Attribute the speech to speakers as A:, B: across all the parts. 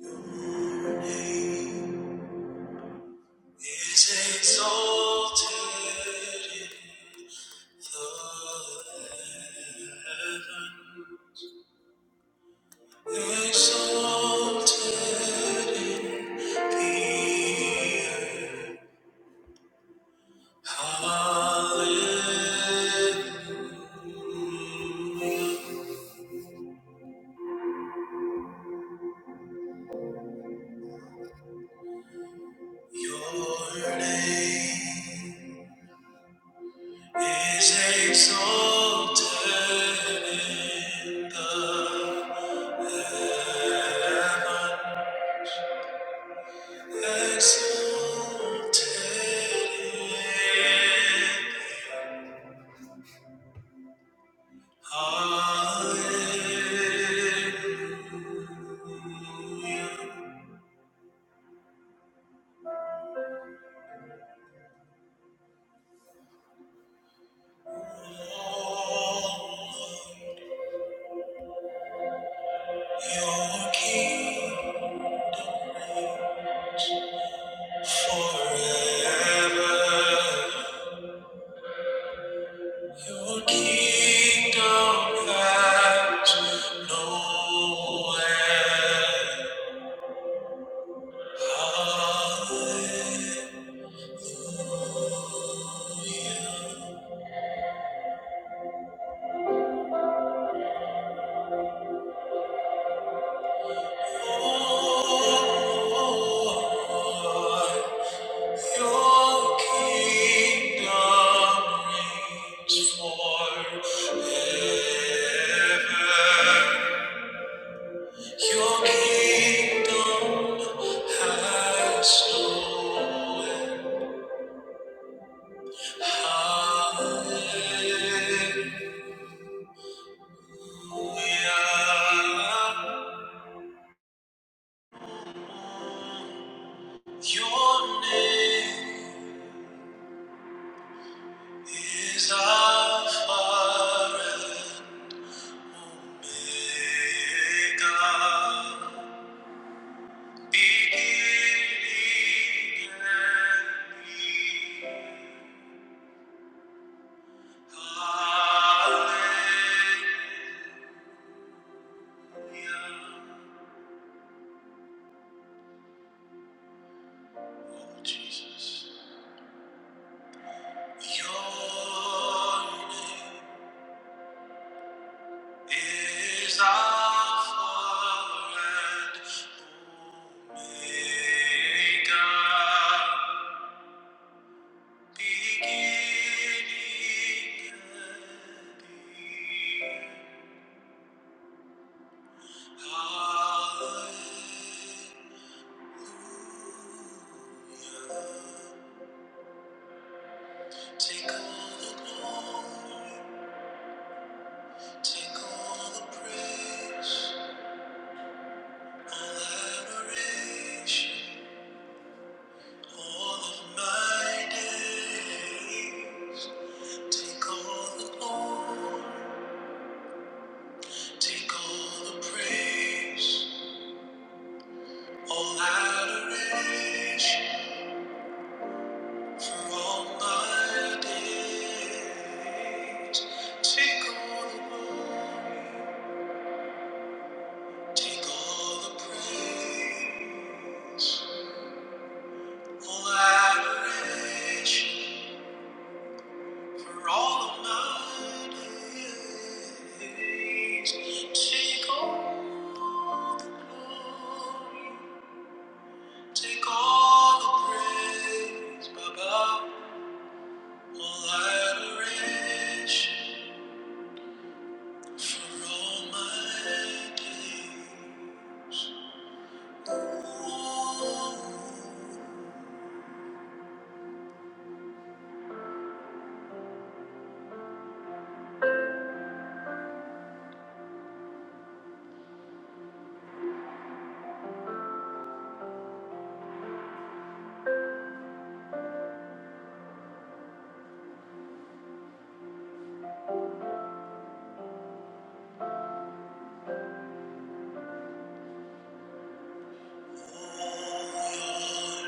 A: is exalted in the heaven, exalted in the earth. Hallelujah. Your name is exalted in the heaven. Hallelujah. Your kingdom reigns forever. Your kingdom has no end. Hallelujah. Your name. is Alpha and Omega, beginning and end. Hallelujah. Oh, Jesus. Your name is our Father, and God. Take all the glory, take all the praise, all adoration, all of my days. Take all the glory, take all the praise, all adoration. For all my days, take all the glory, take all the praise, all adoration. For all my days, take all the glory, take all the praise, Baba, all adoration. For all my days, oh,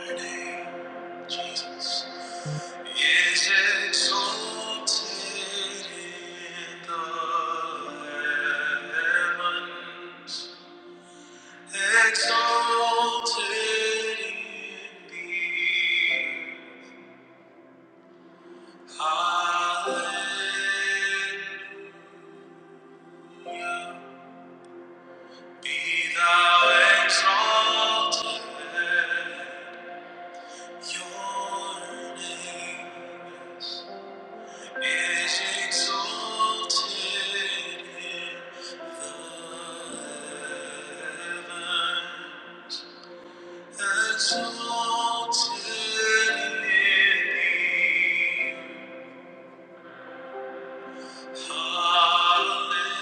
A: your name, Jesus, is exalted in the heavens, exalted in the earth. Hallelujah. Be thou exalted, your name is exalted in the heaven, exalted in the Hallelujah.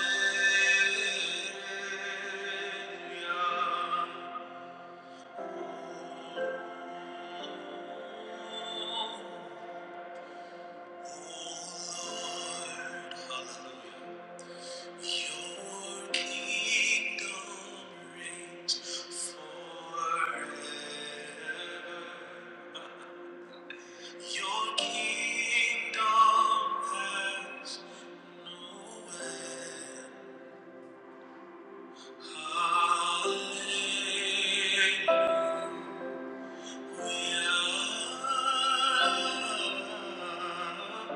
A: Hallelujah.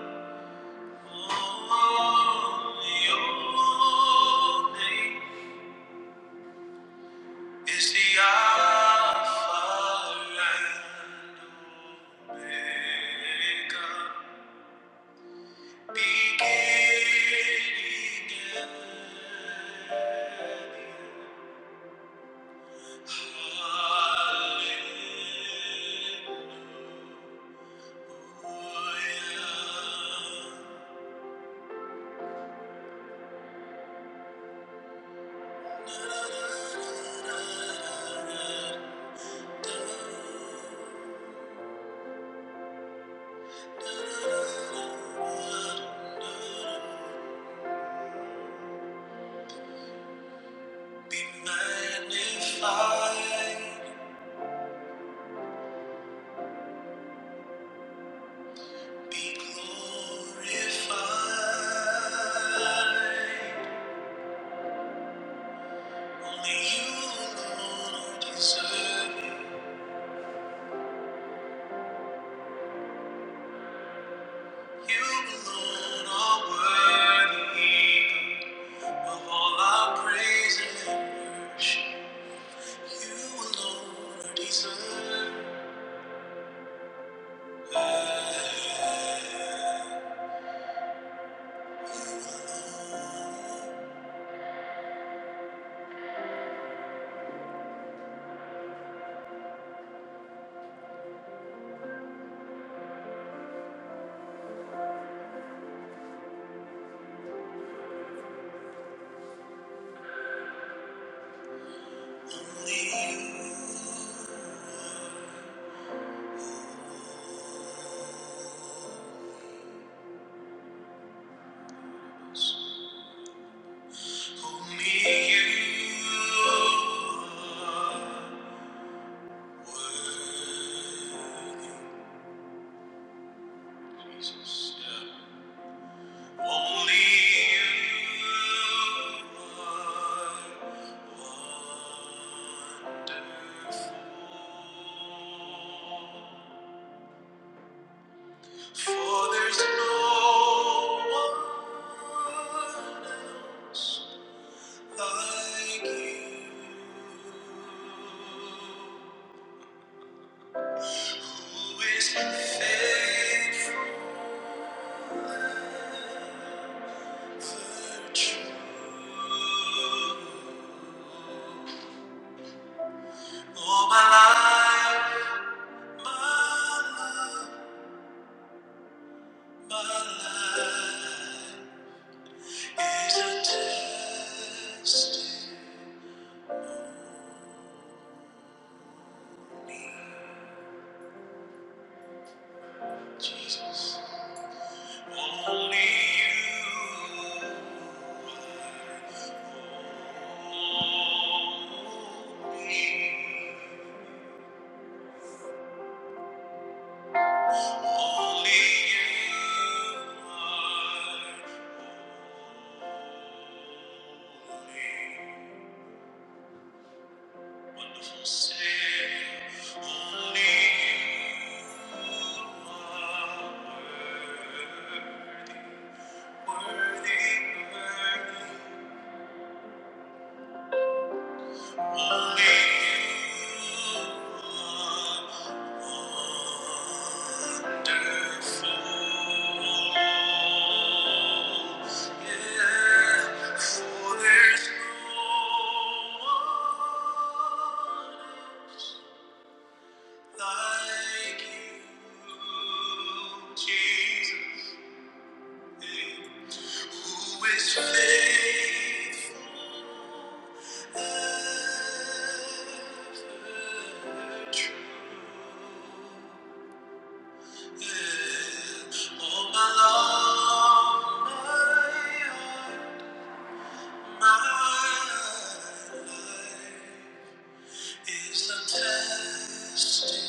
A: Hallelujah. Be magnified, be glorified. Only you alone are deserving. You alone are worthy of all our praise and worship. You alone are deserving. Only you. Only you are worthy, Only you are wonderful. For there's no one else like you. Who is faithful and true? All my life, my love, my life is a test. Jesus. Only you. Wonderful Savior, only you are worthy, worthy, worthy. Like you, Jesus. Who is faithful ever true? Yeah. All my love, my heart, my life is a testimony.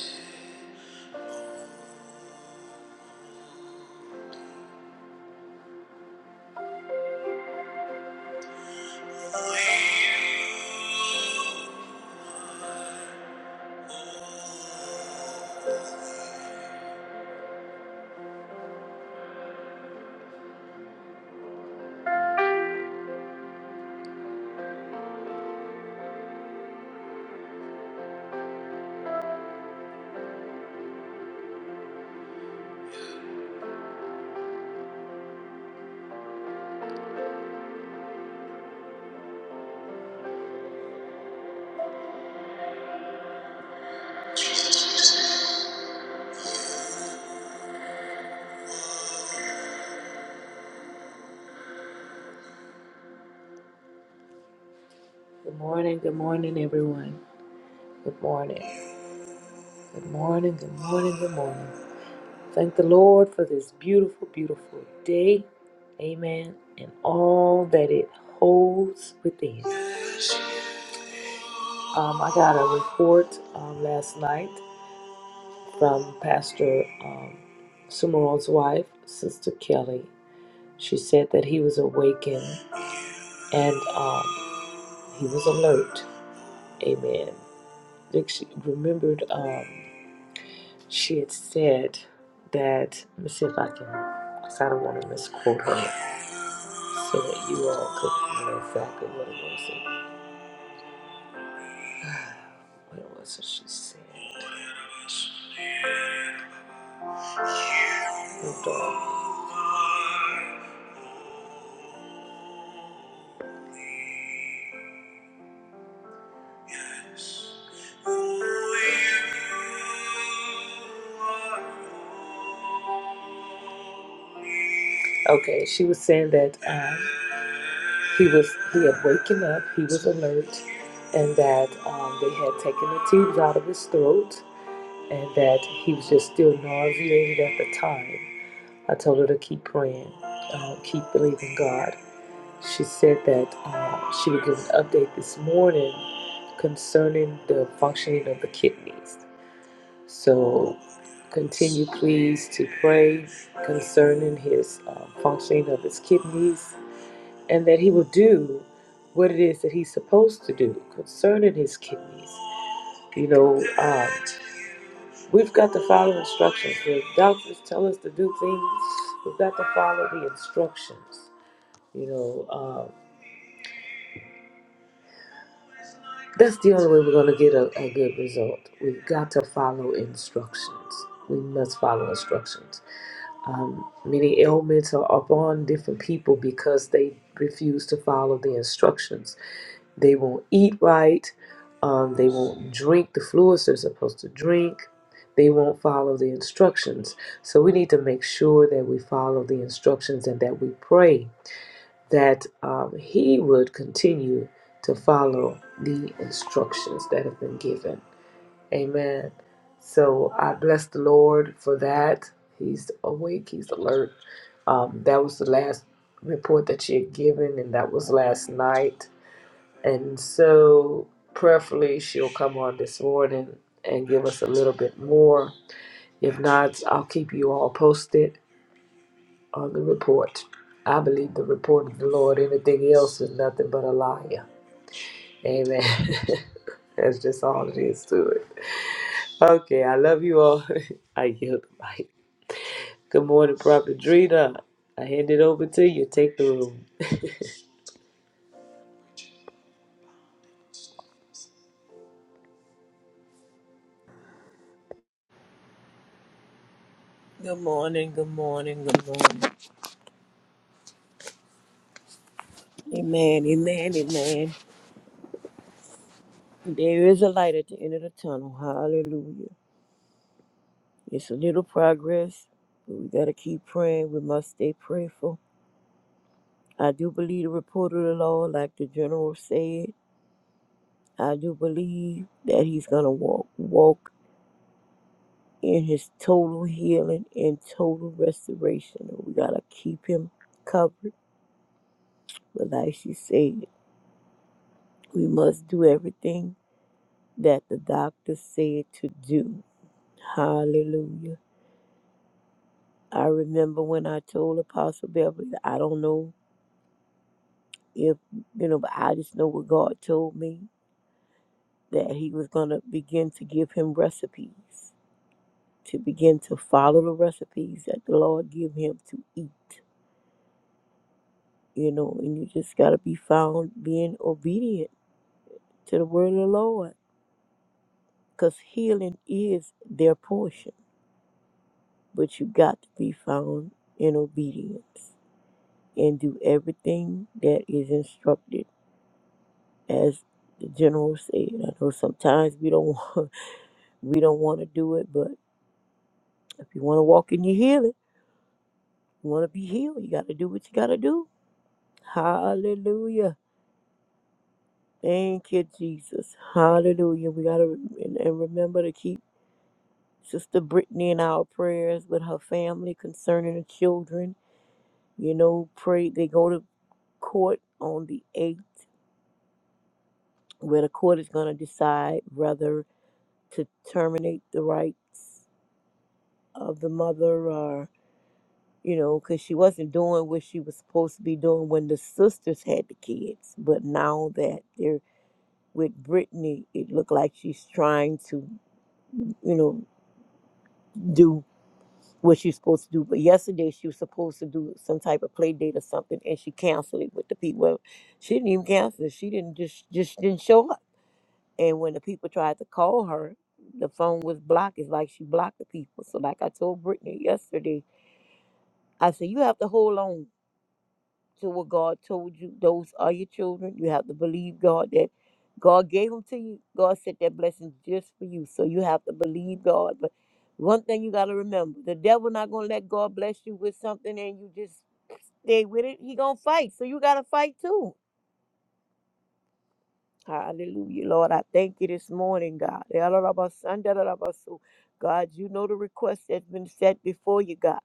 A: Good morning, good morning, everyone. Good morning. Good morning. Good morning. Good morning. Thank the Lord for this beautiful, beautiful day. Amen. And all that it holds within. Um, I got a report um, last night from Pastor um, Sumeron's wife, Sister Kelly. She said that he was awakened and um, he was alert. Amen. Think She remembered. Um, she had said that, let me see if I can, because I don't want to misquote her so that you all could know exactly what it was that, what it was that she said. Hold on. Yes, Oh, you are holy. Okay, she was saying that um, he was he had waken up, he was alert, and that um, they had taken the tubes out of his throat, and that he was just still nauseated at the time. I told her to keep praying, uh, keep believing God. She said that uh, she would give an update this morning concerning the functioning of the kidneys. So continue, please, to pray concerning his uh, functioning of his kidneys and that he will do what it is that he's supposed to do concerning his kidneys. You know, um, we've got to follow instructions. The doctors tell us to do things, we've got to follow the instructions. You know, um, That's the only way we're going to get a, a good result. We've got to follow instructions. We must follow instructions. Um, many ailments are upon different people because they refuse to follow the instructions. They won't eat right. Um, they won't drink the fluids they're supposed to drink. They won't follow the instructions. So we need to make sure that we follow the instructions and that we pray that um, he would continue to follow the instructions that have been given. Amen. So I bless the Lord for that. He's awake, he's alert. Um, that was the last report that she had given, and that was last night. And so, prayerfully, she'll come on this morning and give us a little bit more. If not, I'll keep you all posted on the report. I believe the report of the Lord. Anything else is nothing but a liar. Amen. That's just all it is to it. Okay, I love you all. I yield the mic. Good morning, Prophet Drina. I hand it over to you. Take the room.
B: Good morning, good morning, good morning. Amen, amen, amen. There is a light at the end of the tunnel. Hallelujah. It's a little progress, but we got to keep praying. We must stay prayerful. I do believe the report of the Lord, like the general said. I do believe that he's going to walk, walk in his total healing and total restoration. We got to keep him covered. But like she said, we must do everything that the doctor said to do. Hallelujah. I remember when I told Apostle Beverly, I don't know if, you know, but I just know what God told me that He was going to begin to give him recipes, to begin to follow the recipes that the Lord give him to eat, you know, and you just got to be found being obedient to the word of the Lord because healing is their portion, but you got to be found in obedience and do everything that is instructed as the general said, I know sometimes we don't want, we don't want to do it, but if you want to walk in your healing, you want to be healed, you got to do what you got to do. Hallelujah. Thank you, Jesus. Hallelujah. We got to and, and remember to keep Sister Brittany in our prayers with her family concerning the children. You know, pray they go to court on the 8th, where the court is going to decide whether to terminate the rights of the mother you know, because she wasn't doing what she was supposed to be doing when the sisters had the kids. But now that they're with Brittany, it looked like she's trying to, you know, do what she's supposed to do. But yesterday she was supposed to do some type of play date or something, and she canceled it with the people. Well, she didn't even cancel it. She didn't just just didn't show up. And when the people tried to call her, the phone was blocked. It's like she blocked the people. So like I told Brittany yesterday, I said you have to hold on to what God told you. Those are your children. You have to believe God that God gave them to you. God sent that blessing just for you. So you have to believe God. But one thing you got to remember, the devil not going to let God bless you with something and you just stay with it. He going to fight. So you got to fight too. Hallelujah, Lord. I thank you this morning, God. God, you know the request that's been set before you, God.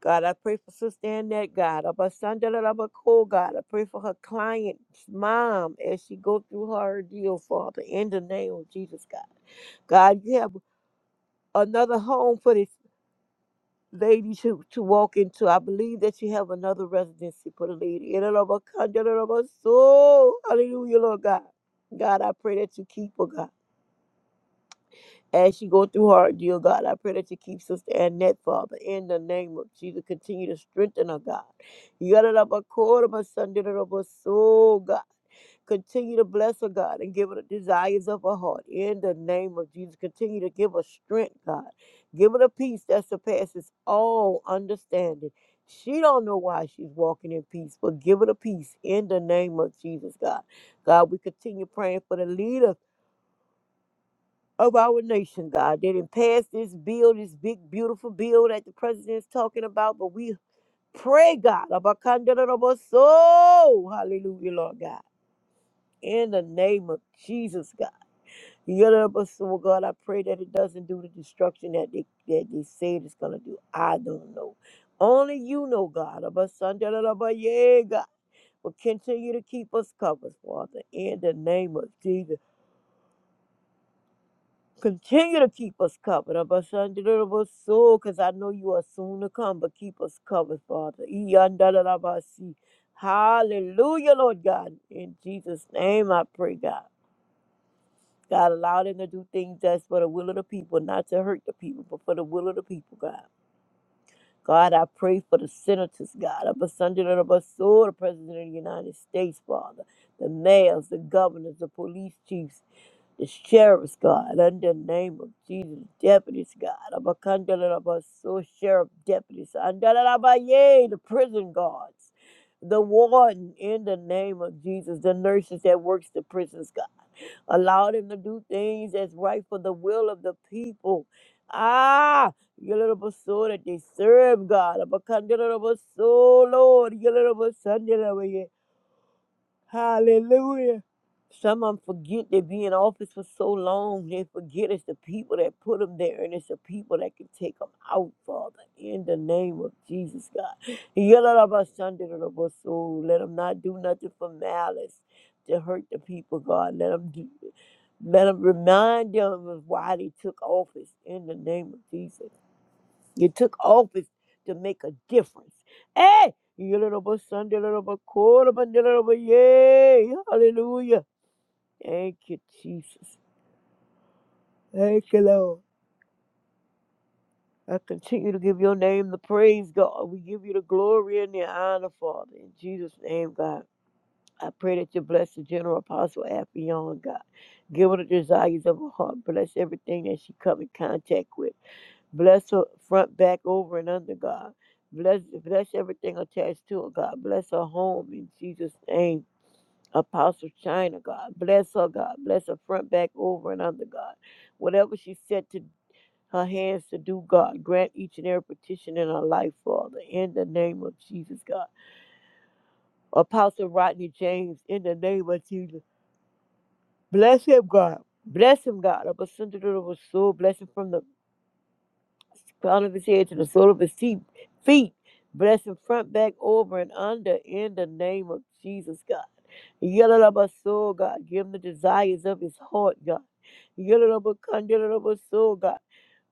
B: God, I pray for Sister Annette, God. Abasandalabako, God, I pray for her client's mom as she go through her deal, Father, in the name of Jesus, God. God, you have another home for this lady to, to walk into. I believe that you have another residency for the lady. Ilalabakandalabaso. Hallelujah, Lord God. God, I pray that you keep her, God. As she go through her ordeal, God, I pray that you keep Sister Annette, Father, in the name of Jesus. Continue to strengthen her, God. Yadadabakoda, my son, dadadaba, so, God. Continue to bless her, God, and give her the desires of her heart. In the name of Jesus, continue to give her strength, God. Give her the peace that surpasses all understanding. She don't know why she's walking in peace, but give her the peace in the name of Jesus, God. God, we continue praying for the leader of our nation, God. They didn't pass this bill, this big, beautiful bill that the president's talking about, but we pray, God, about soul. Hallelujah, Lord God. In the name of Jesus, God. soul, God, I pray that it doesn't do the destruction that they, that they say it's going to do. I don't know. Only you know, God. About Sunday, yeah, God. Will continue to keep us covered, Father, in the name of Jesus. Continue to keep us covered, Abba Shandalaba soul, because I know you are soon to come, but keep us covered, Father. Iyandalarabasi. Hallelujah, Lord God. In Jesus' name I pray, God. God, allow them to do things that's for the will of the people, not to hurt the people, but for the will of the people, God. God, I pray for the senators, God, of soul, the President of the United States, Father, the mayors, the governors, the police chiefs, the sheriff's God, under the name of Jesus, deputies God, Abakandalaba, so sheriff deputies, Andalaba, yay, the prison guards, the warden, in the name of Jesus, the nurses that works the prisons God, allow them to do things that's right for the will of the people. Ah, your little soul that they serve God, Abakandalaba, so Lord, your little Hallelujah. Some of them forget they be in office for so long. They forget it's the people that put them there and it's the people that can take them out, Father, in the name of Jesus, God. Yalalabasandilabaso. Let them not do nothing for malice to hurt the people, God. Let them do, let them remind them of why they took office in the name of Jesus. You took office to make a difference. Hey, you little bit Sunday, little bit quarter, but little bit yay. Hallelujah. Thank you, Jesus. Thank you, Lord. I continue to give your name the praise, God. We give you the glory and the honor, Father. In Jesus' name, God. I pray that you bless the general apostle Affion, God. Give her the desires of her heart. Bless everything that she come in contact with. Bless her front, back, over, and under, God. Bless, bless everything attached to her, God. Bless her home in Jesus' name. Apostle China, God. Bless her, God. Bless her front, back, over, and under, God. Whatever she set to her hands to do, God, grant each and every petition in her life, Father, in the name of Jesus, God. Apostle Rodney James, in the name of Jesus. Bless him, God. Bless him, God. Bless him from the crown of his head to the sole of his feet. feet. Bless him front, back, over, and under in the name of Jesus, God. Yellow of our soul, God. Give him the desires of his heart, God. Yellow of our soul, God.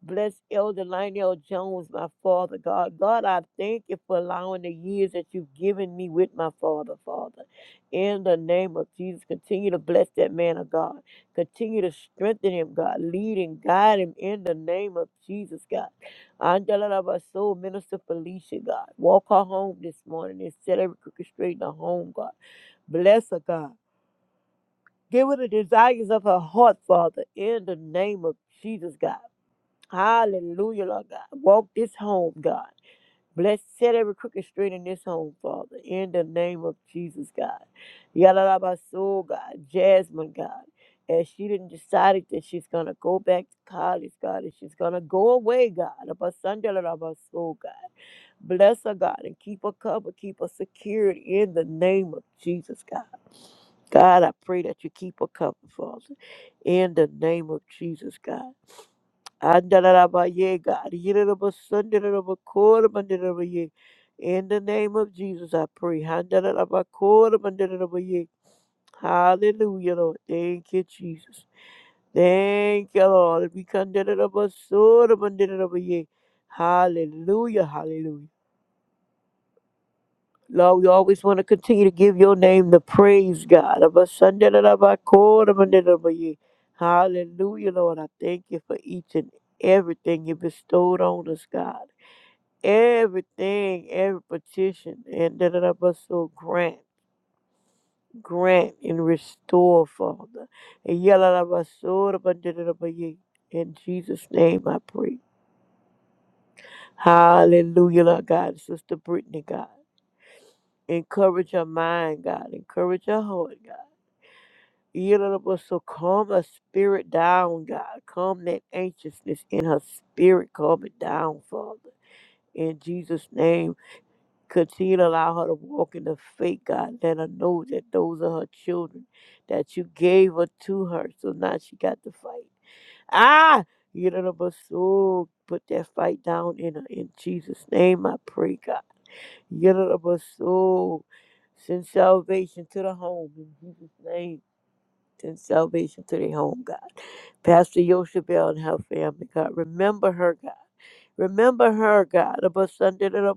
B: Bless Elder Lionel Jones, my father, God. God, I thank you for allowing the years that you've given me with my father, Father. In the name of Jesus, continue to bless that man of God. Continue to strengthen him, God. Lead and guide him in the name of Jesus, God. Angela of our soul, Minister Felicia, God. Walk her home this morning and set every crooked straight in her home, God. Bless her, God. Give her the desires of her heart, Father, in the name of Jesus, God. Hallelujah, Lord God. Walk this home, God. Bless, set every crooked straight in this home, Father, in the name of Jesus, God. Yalabaso, God. Jasmine, God. As she didn't decided that she's going to go back to college, God, and she's going to go away, God. Abasandalabaso, God. Bless her, God, and keep her covered, keep her secured in the name of Jesus, God. God, I pray that you keep her covered, Father, in the name of Jesus, God. Andalalabaye, God. Yididabasundididabakordabandidadabaye. In the name of Jesus, I pray. Handalalabakorbandidadabaye. Hallelujah, Lord. Thank you, Jesus. Thank you, Lord. We condemn Hallelujah, hallelujah. Lord, we always want to continue to give your name the praise, God. Abasundididabakordabandidadabaye. Hallelujah, Lord. I thank you for each and everything you bestowed on us, God. everything, every petition, and da da da ba so grant, grant and restore, Father. And yalla da ba so da ba da da da ba ye. In Jesus' name I pray. Hallelujah, Lord God. Sister Brittany, God. Encourage her mind, God. Encourage her heart, God. Yalla da ba So calm her spirit down, God. Calm that anxiousness in her spirit. Calm it down, Father. In Jesus' name. Continue to allow her to walk in the faith, God. Let her know that those are her children that you gave her to her. So now she got to fight. Ah, you know, but so put that fight down in her. In Jesus' name, I pray, God. You know, but so send salvation to the home in Jesus' name. Send salvation to the home, God. Pastor Yoshabel and her family, God. Remember her, God. Remember her, God. Of us under the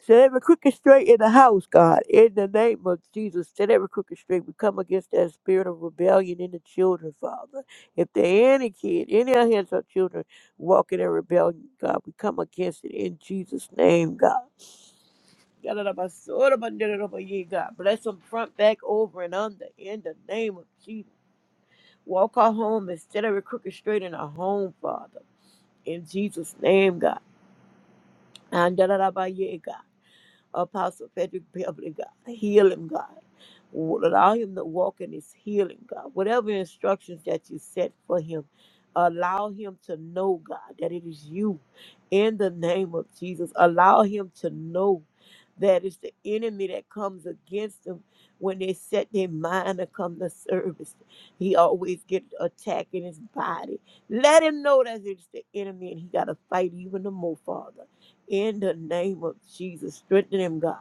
B: Set every crooked straight in the house, God. In the name of Jesus, set every crooked straight. We come against that spirit of rebellion in the children, Father. If there any kid, any of his or children walking in rebellion, God, we come against it in Jesus' name, God. God, bless them front, back, over, and under. In the name of Jesus, walk our home and set every crooked straight in our home, Father. In Jesus' name, God. And da da da ba yeah, God. Apostle Frederick Beverly, God. Heal him, God. Allow him to walk in his healing, God. Whatever instructions that you set for him, allow him to know, God, that it is you in the name of Jesus. Allow him to know that it's the enemy that comes against him when they set their mind to come to service. He always get attack in his body. Let him know that it's the enemy and he got to fight even the more, Father in the name of Jesus. Strengthen him, God.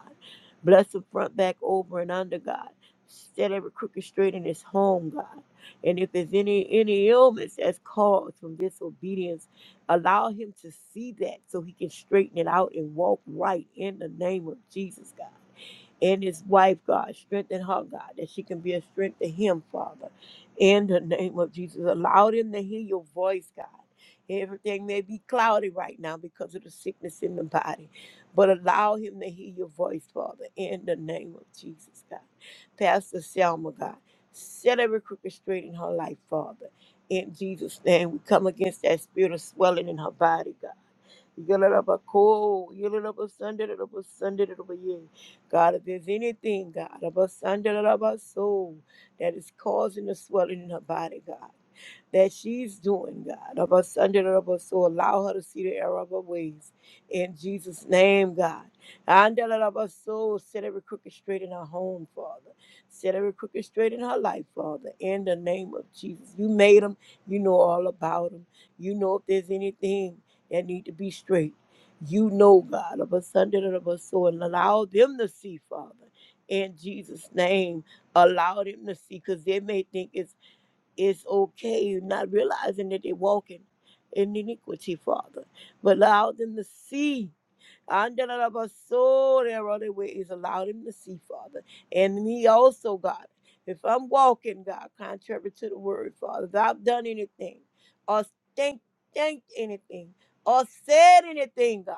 B: Bless the front, back, over, and under, God. Set every crooked straight in his home, God. And if there's any any illness that's caused from disobedience, allow him to see that so he can straighten it out and walk right in the name of Jesus, God and his wife, God. Strengthen her, God, that she can be a strength to him, Father. In the name of Jesus, allow them to hear your voice, God. Everything may be cloudy right now because of the sickness in the body, but allow him to hear your voice, Father, in the name of Jesus, God. Pastor Selma, God, set every crooked straight in her life, Father. In Jesus' name, we come against that spirit of swelling in her body, God. Yellow up a cold, yellow up a Sunday, little up a Sunday, little up a yeah. God, if there's anything, God, of us under the love of our soul that is causing the swelling in her body, God that she's doing, God. Of us under the rubber, so allow her to see the error of her ways. In Jesus' name, God. Under the rubber, so set every crooked straight in her home, Father. Set every crooked straight in her life, Father. In the name of Jesus. You made them. You know all about them. You know if there's anything that need to be straight. You know, God, of us under the rubber, so and allow them to see, Father. In Jesus' name, allow them to see, because they may think it's it's okay not realizing that they're walking in iniquity, Father, but allow them to see under the love of soul, their other way. ways allowed him to see, Father. And me also, God, if I'm walking, God, contrary to the word, Father, if I've done anything or think, think anything or said anything, God,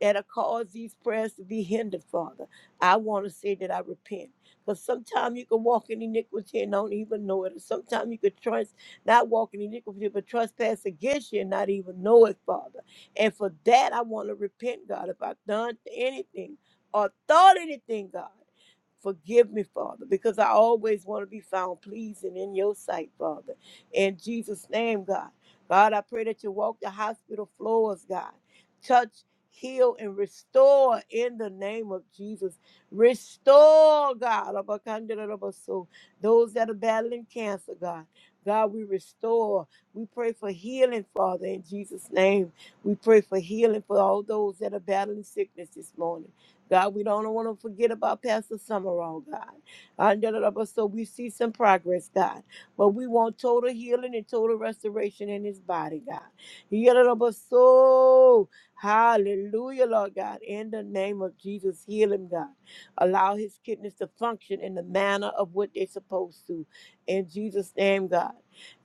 B: that'll cause these prayers to be hindered, Father, I want to say that I repent. Because sometimes you can walk in iniquity and don't even know it. Sometimes you could trust, not walk in iniquity, but trespass against you and not even know it, Father. And for that, I want to repent, God, if I've done anything or thought anything, God. Forgive me, Father, because I always want to be found pleasing in your sight, Father. In Jesus' name, God. God, I pray that you walk the hospital floors, God. Touch, heal, and restore in the name of Jesus. Restore, God, of our those that are battling cancer, God. God, we restore. We pray for healing, Father, in Jesus' name. We pray for healing for all those that are battling sickness this morning. God, we don't want to forget about Pastor Summerall, God. And da- da- da- but So we see some progress, God. But we want total healing and total restoration in his body, God. Yeah, da- da- but So, hallelujah, Lord God. In the name of Jesus, heal him, God. Allow his kidneys to function in the manner of what they're supposed to. In Jesus' name, God.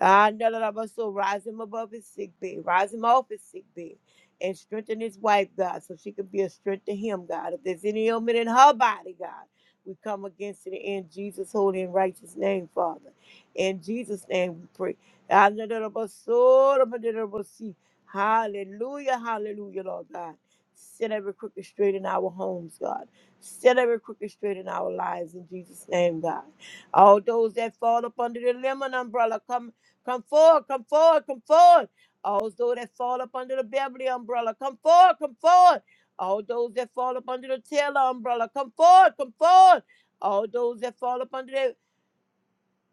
B: Ah, da- da- da- but So rise him above his sick bed. Rise him off his sick bed and strengthen his wife, God, so she could be a strength to him, God. If there's any ailment in her body, God, we come against it in Jesus' holy and righteous name, Father. In Jesus' name we pray. Hallelujah, hallelujah, Lord God. Set every crooked straight in our homes, God. Set every crooked straight in our lives in Jesus' name, God. All those that fall up under the lemon umbrella, come, come forward, come forward, come forward. All those that fall up under the Beverly umbrella, come forward, come forward. All those that fall up under the Taylor umbrella, come forward, come forward. All those that fall up under the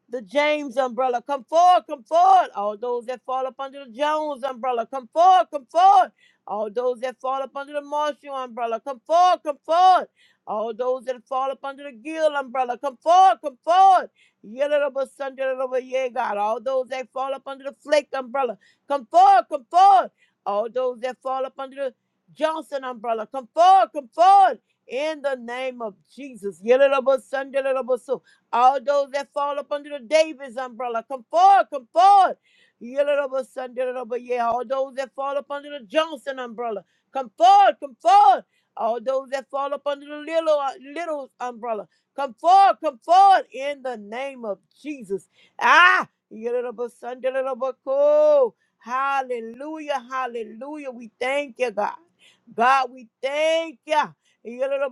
B: the James umbrella. Come forward, come forward. All those that fall up under the Jones umbrella, come forward, come forward. All those that fall up under the Marshall umbrella, come forward, come forward. All those that fall up under the Gill umbrella, come forward, come forward. Yellow Sunday over yeah, God. All those that fall up under the Flake umbrella, come forward, come forward. All those that fall up under the Johnson umbrella, come forward, come forward. In the name of Jesus. Yellow Sunday, little all those that fall up under the Davis umbrella, come forward, come forward. Yellow Sunday, yeah. All those that fall up under the Johnson umbrella, come forward, come forward. All those that fall up under the little uh, little umbrella, come forward, come forward in the name of Jesus. Ah, Yellow Sunday, cool. Hallelujah, hallelujah. We thank you, God. God, we thank you. Yellow,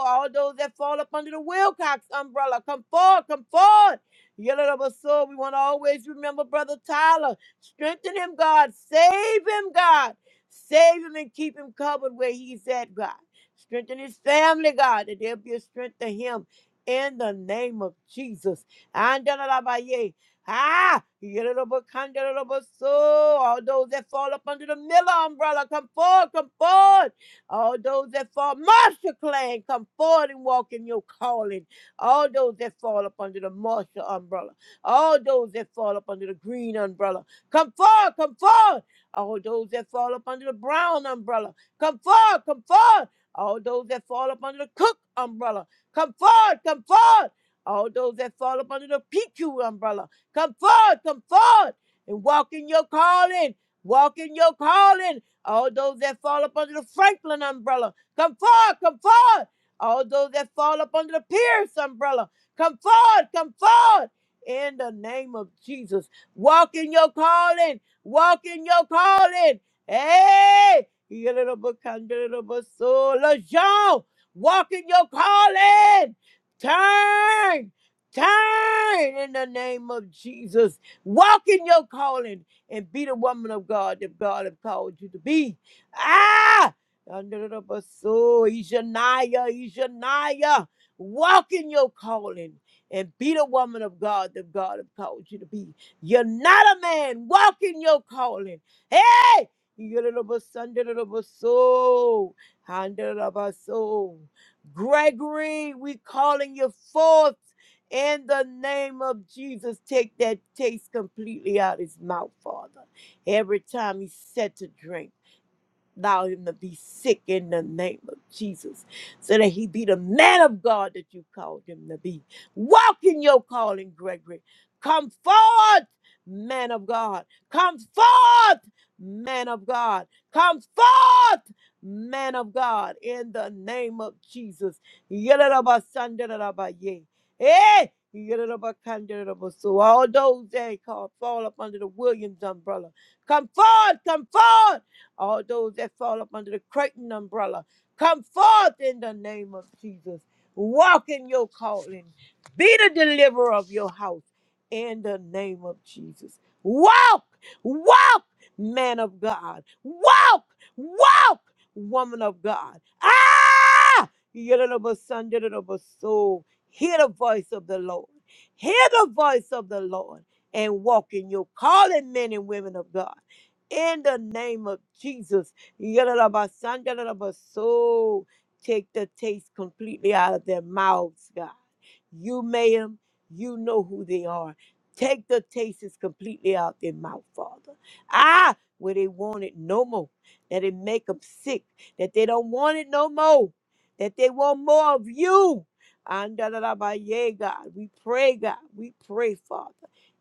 B: all those that fall up under the Wilcox umbrella, come forward, come forward. Yellow, so we want to always remember Brother Tyler. Strengthen him, God. Save him, God. Save him and keep him covered where he's at, God. Strengthen his family, God, that there'll be a strength to him in the name of Jesus. Andalabaye. Ah, so all those that fall up under the Miller umbrella, come forward, come forward. All those that fall, Marshall clan, come forward and walk in your calling. All those that fall up under the Marshall umbrella. All those that fall up under the green umbrella. Come forward, come forward. All those that fall up under the brown umbrella. Come forward, come forward. All those that fall up under the cook umbrella. Come forward, come forward. All those that fall up under the PQ umbrella. Come forward, come forward. And walk in your calling. Walk in your calling. All those that fall up under the Franklin umbrella, come forward, come forward. All those that fall up under the Pierce umbrella, come forward, come forward. In the name of Jesus, walk in your calling, walk in your calling. Hey, you little book, little book, so LeJean, walk in your calling. Turn, turn in the name of Jesus. Walk in your calling and be the woman of God that God have called you to be. Ah! Andoroboso, Ishaniah, Ishaniah. Walk in your calling and be the woman of God that God have called you to be. You're not a man. Walk in your calling. Hey! Yorobosanderoboso, Handoroboso. Gregory, we calling you forth in the name of Jesus, take that taste completely out of his mouth, Father. Every time he's set to drink. Allow him to be sick in the name of Jesus so that he be the man of God that you called him to be. Walk in your calling, Gregory. Come forth, man of God. Come forth, man of God. Come forth, man of God, in the name of Jesus. Yadadabasandaradaba. Hey! Yadadabakandaradaba. So all those that call fall up under the Williams umbrella. Come forth, come forth all those that fall up under the Creighton umbrella, come forth in the name of Jesus. Walk in your calling. Be the deliverer of your house in the name of Jesus. Walk, walk, man of God. Walk, walk, woman of God. Ah! Yellow son, yellow soul. Hear the voice of the Lord. Hear the voice of the Lord and walk in your calling, men and women of God in the name of Jesus. Yadadabasangadadabaso. Take the taste completely out of their mouths, God. You made them, you know who they are. Take the tastes completely out their mouth, Father. Ah, where they want it no more. That it make them sick. That they don't want it no more. That they want more of you. Andadadabaye, God. We pray, God. We pray, Father.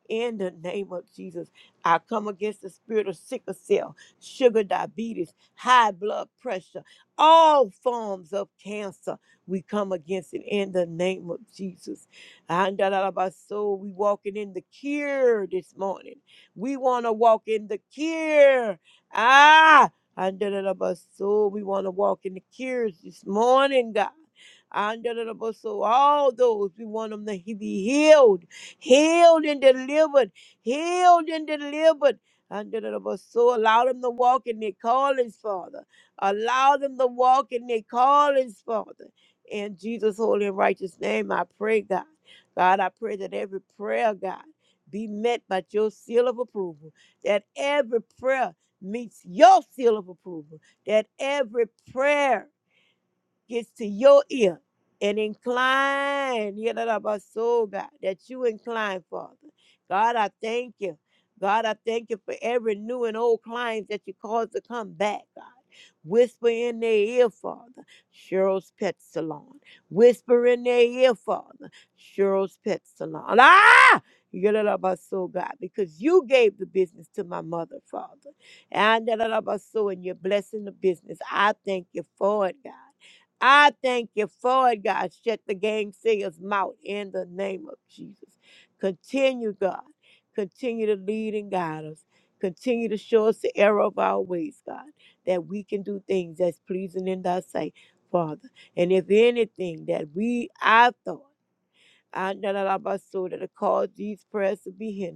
B: In the name of Jesus. I come against the spirit of sickle cell, sugar diabetes, high blood pressure, all forms of cancer. We come against it in the name of Jesus. Andalabaso, We walking in the cure this morning. We want to walk in the cure. Ah, andalabaso, we want to walk in the cures this morning, God. Andalabaso, All those we want them to be healed, healed and delivered healed and delivered. Under the So allow them to walk in their callings, Father. Allow them to walk in their callings, Father. In Jesus' holy and righteous name, I pray, God. God, I pray that every prayer, God, be met by your seal of approval. That every prayer meets your seal of approval. That every prayer gets to your ear and incline, hear that about soul, God, that you incline, Father. God, I thank you. God, I thank you for every new and old client that you caused to come back, God. Whisper in their ear, Father, Cheryl's Pet Salon. Whisper in their ear, Father, Cheryl's Pet Salon. Ah! You that about soul, God, because you gave the business to my mother, Father. And that about soul, and you're blessing the business. I thank you for it, God. I thank you for it, God. Shut the gang singer's mouth in the name of Jesus. Continue, God. Continue to lead and guide us. Continue to show us the error of our ways, God, that we can do things that's pleasing in thy sight, Father. And if anything that we I thought, I know that I saw that it caused these prayers to be hindered.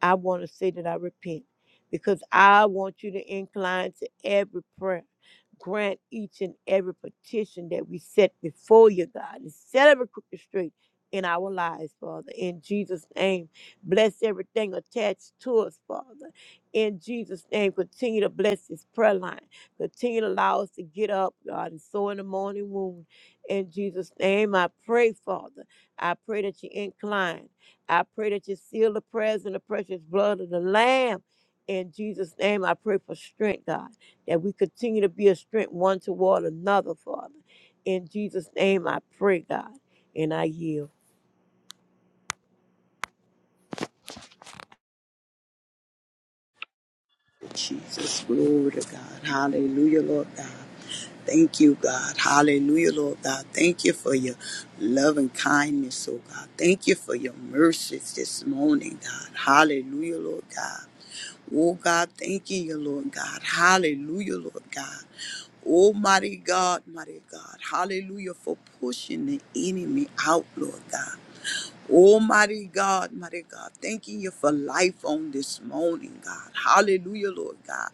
B: I want to say that I repent because I want you to incline to every prayer. Grant each and every petition that we set before you, God, and set every crooked straight in our lives, Father. In Jesus' name, bless everything attached to us, Father. In Jesus' name, continue to bless this prayer line. Continue to allow us to get up, God, and sow in the morning wound. In Jesus' name, I pray, Father. I pray that you incline. I pray that you seal the prayers in the precious blood of the Lamb. In Jesus' name, I pray for strength, God, that we continue to be a strength one toward another, Father. In Jesus' name, I pray, God, and I yield.
C: Jesus, glory to God. Hallelujah, Lord God. Thank you, God. Hallelujah, Lord God. Thank you for your love and kindness, oh God. Thank you for your mercies this morning, God. Hallelujah, Lord God. Oh God, thank you, Lord God. Hallelujah, Lord God. Almighty God, mighty God. Hallelujah for pushing the enemy out, Lord God. Almighty God, mighty God, thanking you for life on this morning, God. Hallelujah, Lord God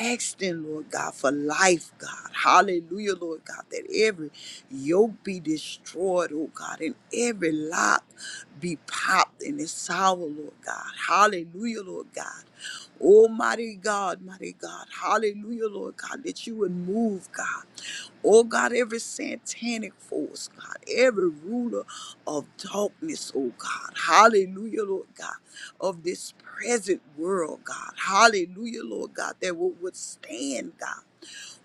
C: asking, Lord God, for life, God. Hallelujah, Lord God, that every yoke be destroyed, oh God, and every lock be popped in its tower, Lord God. Hallelujah, Lord God. Almighty God, mighty God. Hallelujah, Lord God, that you would move, God. Oh God, every satanic force, God, every ruler of darkness, oh God, hallelujah, Lord God, of this present world, God, hallelujah, Lord God, that will withstand, God,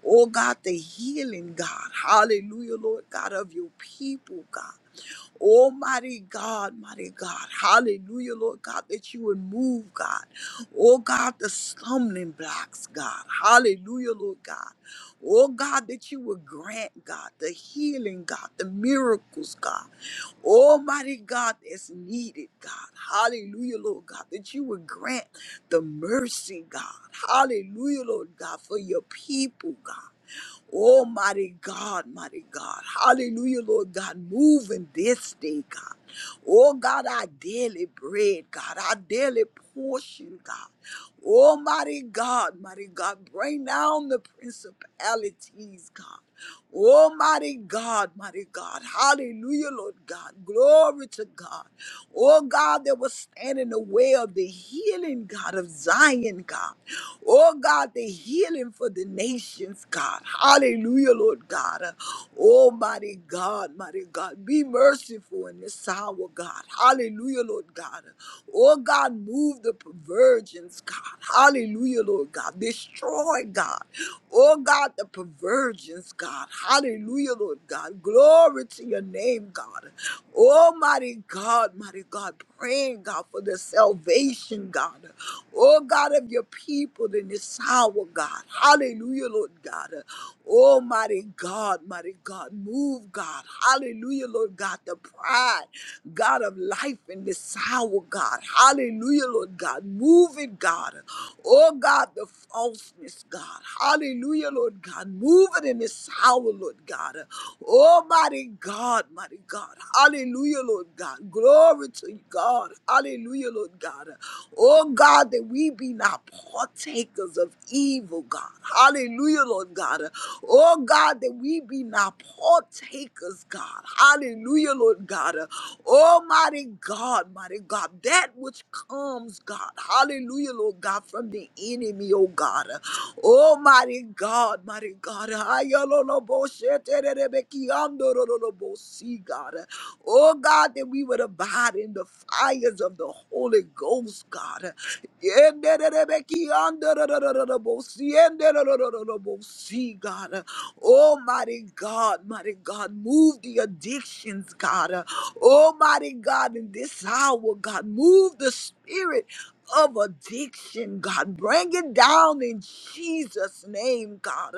C: oh God, the healing, God, hallelujah, Lord God, of your people, God. Oh, mighty God, mighty God. Hallelujah, Lord God, that you would move, God. Oh, God, the stumbling blocks, God. Hallelujah, Lord God. Oh, God, that you would grant, God, the healing, God, the miracles, God. Almighty God that's needed, God. Hallelujah, Lord God, that you would grant the mercy, God. Hallelujah, Lord God, for your people, God. Oh, mighty God, mighty God. Hallelujah, Lord God. Move in this day, God. Oh, God, our daily bread, God, our daily portion, God. Oh, mighty God, mighty God. Bring down the principalities, God. Oh, mighty God, mighty God. Hallelujah, Lord God. Glory to God. Oh, God, that will stand in the way of the healing, God, of Zion, God. Oh, God, the healing for the nations, God. Hallelujah, Lord God. Uh, Oh, mighty God, mighty God. Be merciful in this hour, God. Hallelujah, Lord God. Oh, God, move the the perversions, God. Hallelujah, Lord God. Destroy, God. Oh, God, the perversions, God. Hallelujah, Lord God. Glory to your name, God. Almighty God, mighty God. Praying, God, for the salvation, God. Oh, God, of your people in this hour, God. Hallelujah, Lord God. Oh, mighty God, mighty God, move, God. Hallelujah, Lord God, the pride, God of life in this hour, God. Hallelujah, Lord God, move it, God. Oh, God, the falseness, God. Hallelujah, Lord God, move it in this hour, Lord God. Oh, mighty God, mighty God. Hallelujah, Lord God. Glory to you, God. Hallelujah, Lord God. Oh, God. God, that we be not partakers of evil, God. Hallelujah, Lord God. Oh, God, that we be not partakers, God. Hallelujah, Lord God. Almighty God, mighty God, that which comes, God. Hallelujah, Lord God, from the enemy, oh God. Almighty God, mighty God. Ayololobo shetererebekiandorolobo, See, God. Oh God, that we would abide in the fires of the Holy Ghost, God. See, God. Almighty God, mighty God, move the addictions, God. Almighty God, in this hour, God, move the spirit of addiction, God. Bring it down in Jesus' name, God.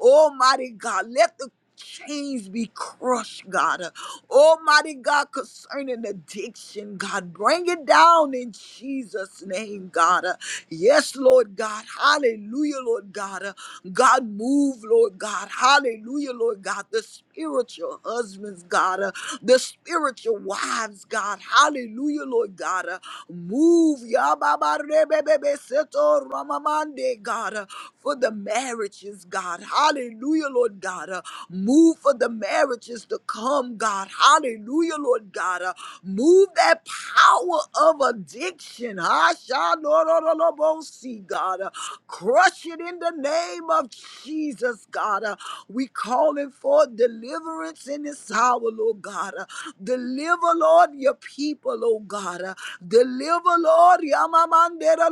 C: Almighty God, let the chains be crushed, God. Almighty God, concerning addiction, God, bring it down in Jesus' name, God. Uh, Yes, Lord God. Hallelujah, Lord God. Uh, God, move, Lord God. Hallelujah, Lord God. The spiritual husbands, God. Uh, The spiritual wives, God. Hallelujah, Lord God. Uh, Move, Yababa Rebebe Seto Ramamande, God for the marriages, God. Hallelujah, Lord God. Uh, move for the marriages to come, God. Hallelujah, Lord God. Uh, move that power of addiction. Hashalorolobosi, God. Uh, crush it in the name of Jesus, God. Uh, we calling for deliverance in this hour, Lord God. Uh, deliver, Lord, your people, oh God. Uh, deliver, Lord, Yamamandera,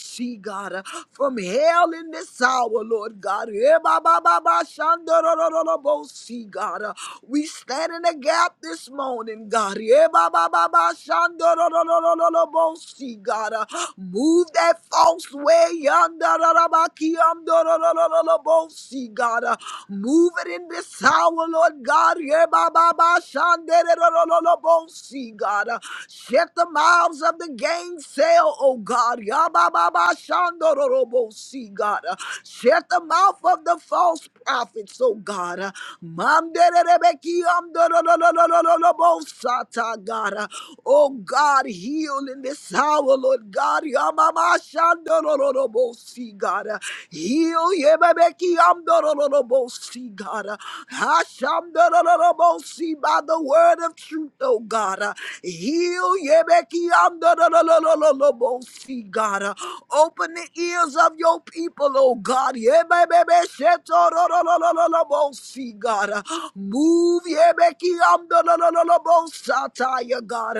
C: see, God, uh, from from hell in this hour, Lord God. Eh, ba, ba, ba, ba, shanda, ro, ro, ro, ro, bo, see, God. Uh, We stand in the gap this morning, God. Eh, ba, ba, ba, ba, shanda, ro, ro, ro, ro, ro, ro, bo, see, God. Uh, Move that false way, yanda, ra, ra, ba, ki, um, do, ro, ro, ro, ro, ro, bo, see, God. Uh, Move it in this hour, Lord God. Eh, ba, ba, ba, shanda, ro, ro, ro, ro, bo, see, God. Uh, Shut the mouths of the gainsail, oh God. Yabba Robo see, God. Uh, Shut the mouth of the false prophets, oh God. Uh, Manderebeki amdorololololobosata, God. Uh, Oh God, heal in this hour, Lord God. Yamamashandorolobosi, God. Uh, Heal yebebeki amdorololobosi, God. Uh, Hashamdorolobosi by the word of truth, oh God. Uh, Heal yebeki amdorolololobosi, God. Uh, Open the ears ears of your people, oh God. Yebebebesetorololololobosi, God. Move yebekiamdolololobosataya, God.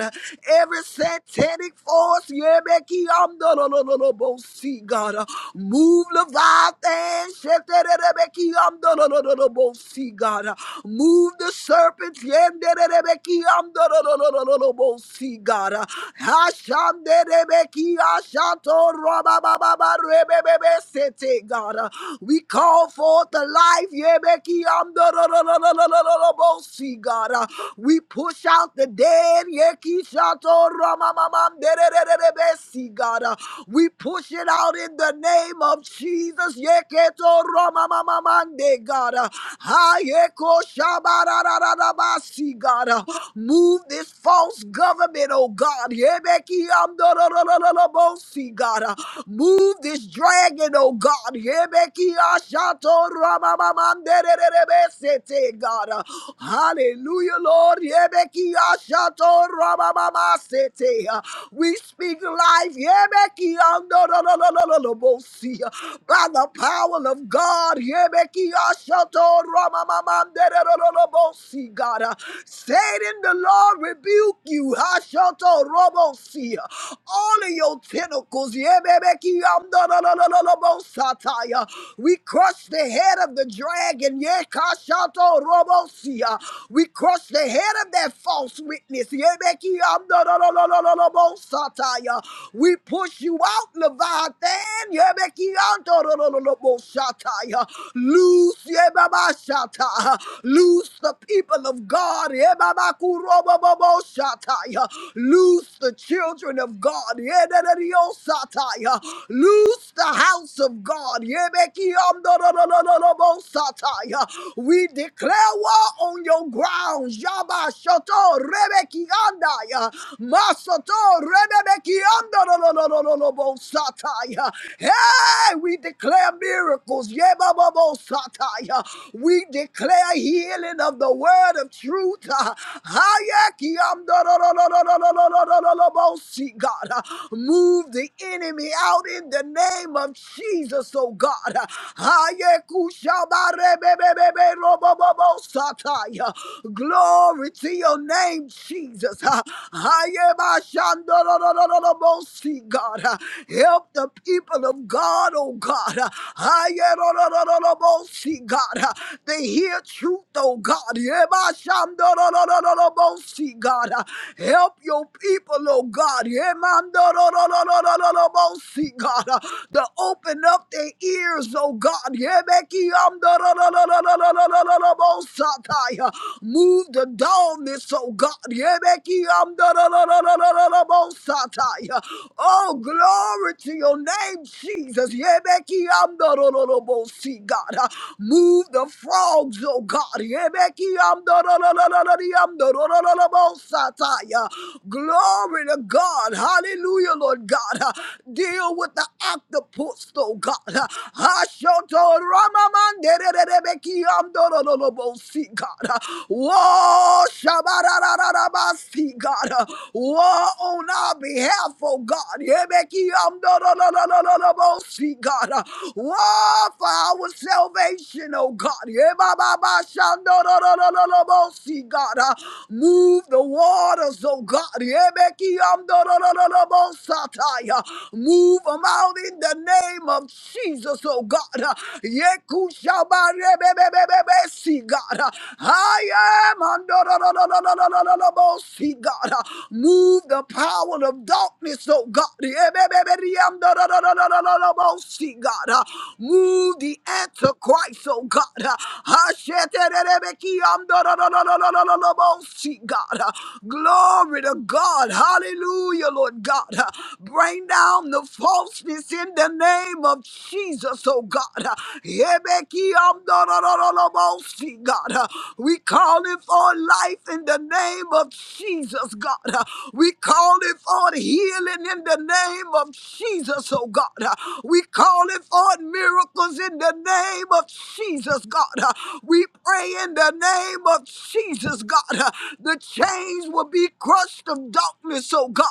C: Every satanic force, yebekiamdolololobosi, God. Move Leviathan, shetererebekiamdolololobosi, God. Move the serpents, yendererebekiamdololololobosi, God. Hashanderebeki, hashatorobabababa, Rebebebesete, God. Uh, We call forth the life, Yebekiamdororororororobosi, God. Uh, We push out the dead, Yekishatoromamamdererebesi, God. Uh, We push it out in the name of Jesus, Yeketoromamamamande, God. Uh, Hayekoshabarararabasi, God. Uh, Move this false government, oh God. Yebeki amdororororobosi, God. Uh, Move Remove this dragon, oh God. Yebekiashato ramamandererebesete, God. Uh, Hallelujah, Lord. Yebekiashato ramamasete. Uh, We speak life Yebekiandorororororobosi, uh, by the power of God. Yebekiashato ramamandererorobosi, God. Uh, Satan, the Lord rebuke you. Hashoto robosi. All of your tentacles. Yamdararararabosataya. We crush the head of the dragon. Yekashato robosia. We crush the head of that false witness. Yebeki yamdarararararabosataya. We push you out, Leviathan. Yebeki yamdararararabosataya. Loose yebabashata. Loose the people of God. Yebabakurobobobosataya. Loose the children of God. Yedadadiosataya. Loose the house of God. Yebekiamdododododobosataya. We declare war on your grounds. Yaba shoto rebekiandaya. Masoto rebebekiamdododododobosataya. Hey, we declare miracles. Yebababosataya. We declare healing of the word of truth. Hayekiamdodododododododobosataya. God, move the enemy out in the name of Jesus, oh God. Ayekushabarebebebebebobobosataya. Glory to your name, Jesus. Ayebashandororororobosi, God. Help the people of God, oh God. Ayerorororobosi, God. They hear truth, oh God. Yebashandororororobosi, God. Help your people, oh God. Yemandororororobosi, see, God, uh, to open up their ears, oh God. Yebeki am ra ra ra ra ra ra ra ra ra ra bo satai, uh, Move the dullness, oh God. Yebeki am ra ra ra ra ra ra ra bo satai, uh, Oh, glory to your name, Jesus. Yebeki am ra ra ra bo si, God. uh, Move the frogs, oh God. Yebeki amda ra ra ra ra ra ri amda ra ra ra ra bo satai, uh, Glory to God. Hallelujah, Lord God. Uh, deal with the octopus, oh God. Hashotoramamandederebekiamdorolobosi, God. Whoa, shabarararabasi, God. War on our behalf, oh God. Yebekiamdorololobosi, God. War for our salvation, oh God. Yebababashandorololobosi, God. Move the waters, oh God. Yebekiamdorololobosataya. Move them out in the name of Jesus, oh God. Yekushabarebebebebebesi, God. I am under God. Move the power of darkness, oh God. Yebebeberiamdododododododobesi, God. Move the antichrist, oh God. Hasheterebekiamdododododododobesi, God. Glory to God. Hallelujah, Lord God. Bring down down the falseness in the name of Jesus, oh God. Yebekiyamdorororobosi, God. We call it for life in the name of Jesus, God. We call it for healing in the name of Jesus, oh God. We call it for miracles in the name of Jesus, God. We pray in the name of Jesus, God. The chains will be crushed of darkness, oh God.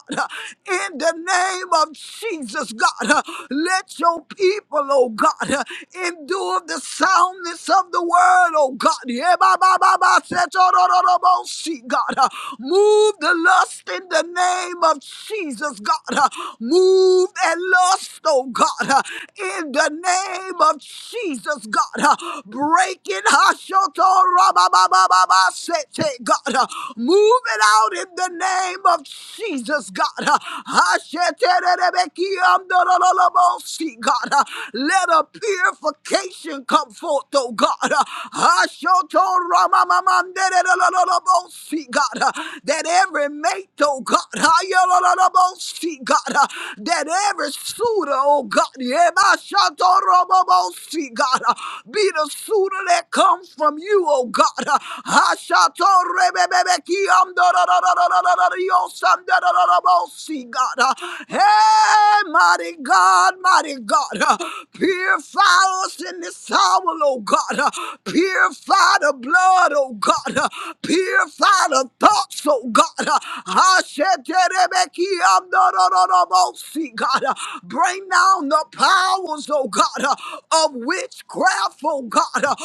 C: In the name of of Jesus, God, uh, let your people, oh God, uh, endure the soundness of the word, oh God. Yeah, ba, ba, ba, ba, se, to, do, do, do, bo, si, God, uh, move the lust in the name of Jesus, God. uh, Move and lust, oh God, uh, in the name of Jesus, God. uh, Break it, Hashoto, ra, ba, ba, ba, ba, ba, se, te, God. uh, Move it out in the name of Jesus, God. uh, Hashete, God. Let a purification come forth, oh God. God. That every mate, oh God. God. That every suitor, oh God. God. Be the suitor that comes from you, oh God. God. Hey, mighty God, mighty God, uh, purify us in this hour, oh God. uh, Purify the blood, oh God. uh, Purify the thoughts, oh God. uh, Asheterebekiamdorororobosi, God. uh, Bring down the powers, oh God, uh, of witchcraft, oh God, uh,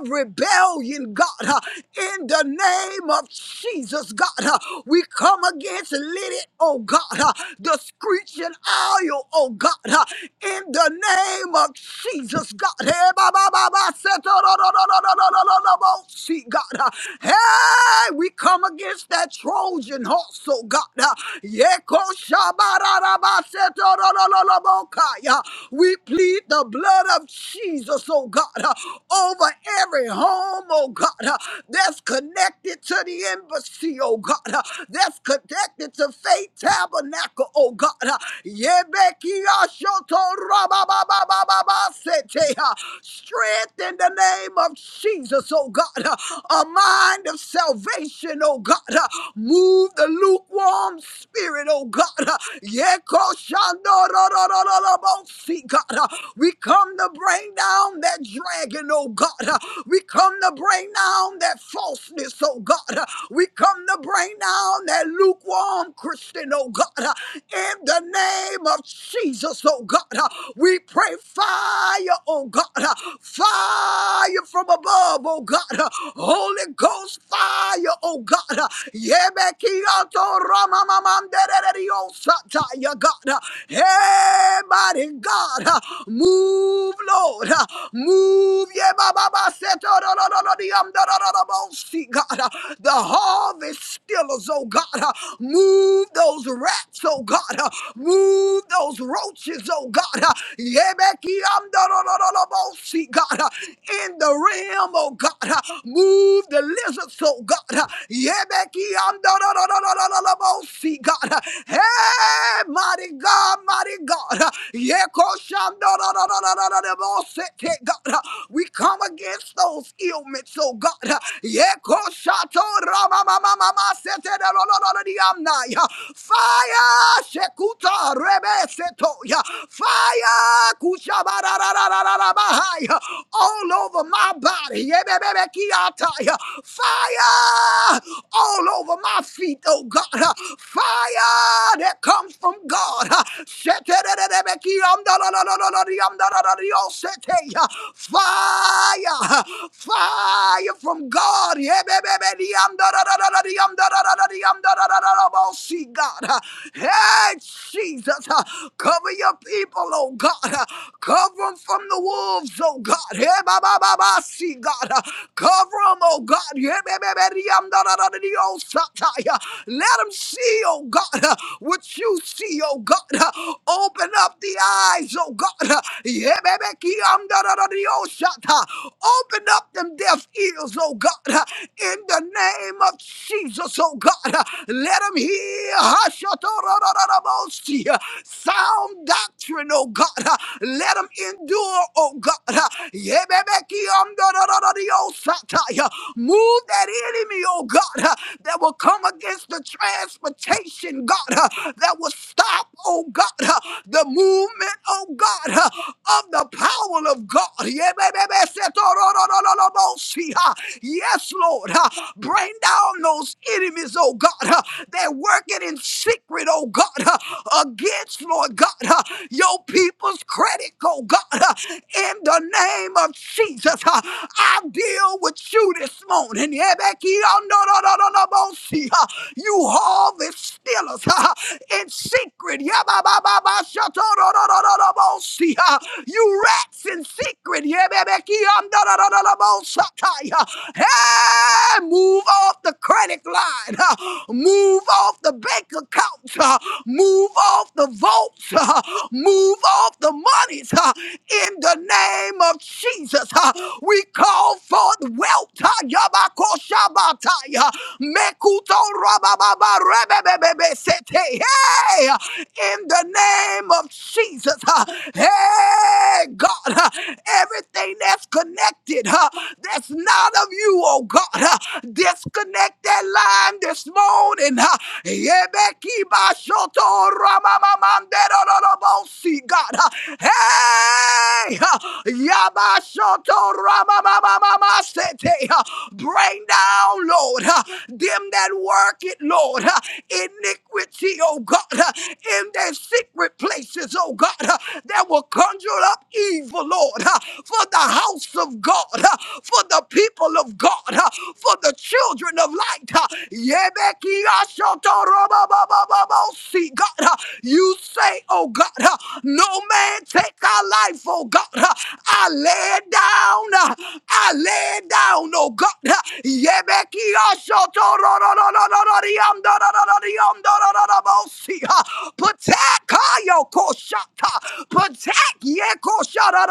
C: of rebellion, God. uh, In the name of Jesus, God, uh, we come against Lydia, oh God, uh, the screeching owl, oh God, uh, in the name of Jesus, God. Hey, ba, ba, ba, ba, se, to, do, do, do, do, do, do, do, do, do, bo, see, God. uh, Hey, we come against that Trojan horse, oh God. uh, Yeko, shaba, da, da, ba, se, to, do, do, do, do, bo, kai, uh, We plead the blood of Jesus, oh God, uh, over every home, oh God, uh, that's connected to the embassy, oh God, uh, that's connected to Faith Tabernacle, oh God. Yebekiashotorabababababasete. Strength in the name of Jesus, oh God. A mind of salvation, oh God. Move the lukewarm spirit, oh God. Yekoshandororororobosi, God. We come to bring down that dragon, oh God. We come to bring down that falseness, oh God. We come to bring down that lukewarm Christian, oh God. In the name of Jesus, oh God, uh, we pray fire, oh God, uh, fire from above, oh God, uh, Holy Ghost fire, oh God, uh, Yebekiato ramamamandereriosataya, God, uh, hey, mighty God, uh, move, Lord, uh, move, Yebababasetorororororiyamdorororobosi, God, uh, the harvest stillers, oh God, uh, move those rats rats, oh God. Uh, move those roaches, oh God. Uh, Yebekiamdorororobosi, God. Uh, in the realm, oh God. Uh, move the lizards, oh God. Uh, Yebekiamdorororobosi, God. Uh, Hey, mighty God, mighty God. Uh, Yekoshamdorororobosi, God. Uh, we come against those ailments, oh God. Uh, Yekoshato ramamamamama, sete, da, lo, lo, lo, lo, di, am, na, yeah. Fire! Shekuta Rebe Setoya. Fire! Kushabara Bahaya. All over my body. Yebebebekiataya. Fire! All over my feet, oh God. Fire that comes from God. Sheterererebekiamdalalalalariamdalalalarioseteya. Fire! Fire from God. Yebebebediamdalalalarariamdalalalarioseteya mercy, God. Uh, Hey, Jesus, uh, cover your people, oh God. Uh, Cover them from the wolves, oh God. Hey, ba ba ba ba, see, God. Uh, Cover them, oh God. Hey, ba ba ba, di, um, da da da da, the old Satai. Uh, Let them see, oh God, uh, what you see, oh God. Uh, Open up the eyes, oh God. Uh, Yeah, baby, ki, um, da da da, di, oh, Satai. Open up them deaf ears, oh God. Uh, in the name of Jesus, oh God. Uh, Let them hear, Hashatorararabosia. Sound doctrine, oh God. Uh, Let them endure, oh God. Uh, Yebebekiamdororororiosataya. Move that enemy, oh God, uh, that will come against the transportation, God, uh, that will stop, oh God, uh, the movement, oh God, uh, of the power of God. Yebebebesetorororororobosia. Yes, Lord. uh, Bring down those enemies, oh God. They're working in secret, oh God, uh, against, Lord God, uh, your people's credit, oh God, uh, in the name of Jesus. uh, I deal with you this morning. Yeah, Becky, oh, no, no, no, no, no, no, see, uh, You harvest stealers uh, in secret. Yeah, ba, ba, ba, ba, shut, oh, no, no, no, no, no, no, see, uh, You rats in secret. Yeah, Becky, oh, no, no, no, no, no, no, shut, uh, Hey, move off the credit line. huh move off the bank accounts, uh, move off the votes, uh, move off the monies uh, in the name of Jesus. uh, we call forth wealth. uh, Yabakoshabatai, uh, Mekuto Rabababa Rebebebebe Sete, Hey, uh, in the name of Jesus. uh, Hey, God, uh, everything that's connected, uh, that's not of you, oh God, uh, disconnect that line this morning. uh, Yebekibashoto ramamamanderorobosi, God. uh, Hey! uh, Yabashoto ramamamamasete, uh, Bring down, Lord, uh, them that work it, Lord. uh, Iniquity, oh God, uh, in their secret places, oh God, uh, that will conjure up evil, Lord, uh, for the house of God, uh, for the people of God, uh, for the children of light. See, God, uh, you say, oh God, uh, no man take our life, oh God. uh, I lay it down, uh, I lay it down, oh God. uh, See, uh, Protect uh, your koshata, protect your koshata,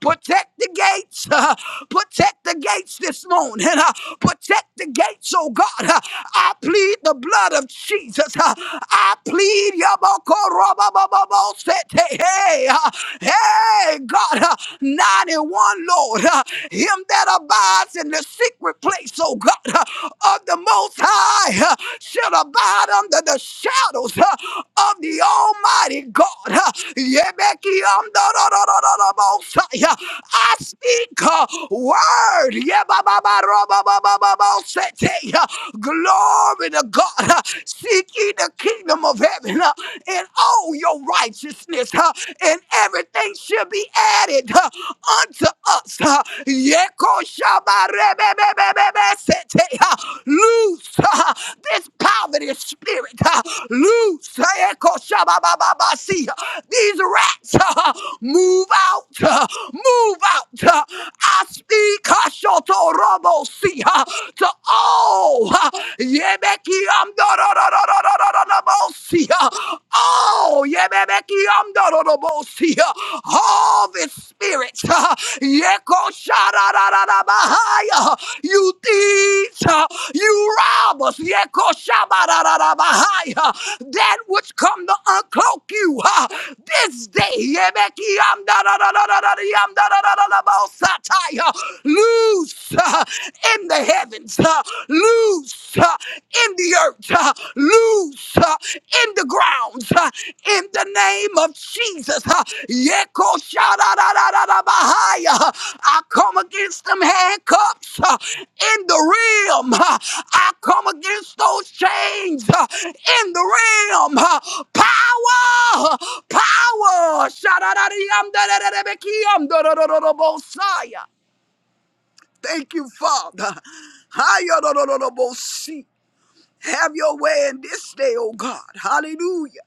C: protect the gates, uh, protect the gates this this morning. Uh, Protect the gates, oh God. Uh, I plead the blood of Jesus. Uh, I plead Yabokorobabababosete. Hey, uh, hey, God, uh, 91, Lord. uh, Him that abides in the secret place, oh God, uh, of the Most High uh, shall abide under the shadows uh, of the Almighty God. uh, Yebekiyamdororororobosai, uh, I speak a word. Glory to God. huh. Seek ye the kingdom of heaven uh, and all your righteousness, uh, and everything shall be added uh, unto us. uh. Yekoshabarebebebebebesete, uh, Loose uh, this poverty spirit. uh, Loose uh, Ekoshababababasi, uh, these rats. uh, Move out. uh, Move out. uh, I speak. huh, Kashoto Robo Si ha, to all ha, Yebeki Amdororororororobo Si ha, all Yebeki Amdororobo Si ha, all the spirits ha, Yeko Sharararabahaya, you thieves ha, you robbers Yeko Shabararabahaya, that which come to uncloak you ha, this day Yebeki Amdororororororobo Satai, loose uh, in the heavens, uh, loose uh, in the earth, uh, loose uh, in the grounds. uh, in the name of Jesus. uh, Yeko shadadadadadabahaya. I come against them handcuffs uh, in the realm. uh, I come against those chains uh, in the realm. uh, Power, power. Shadadadiyam Thank you, Father. Hayododododobosi. Have your way in this day, oh God. Hallelujah.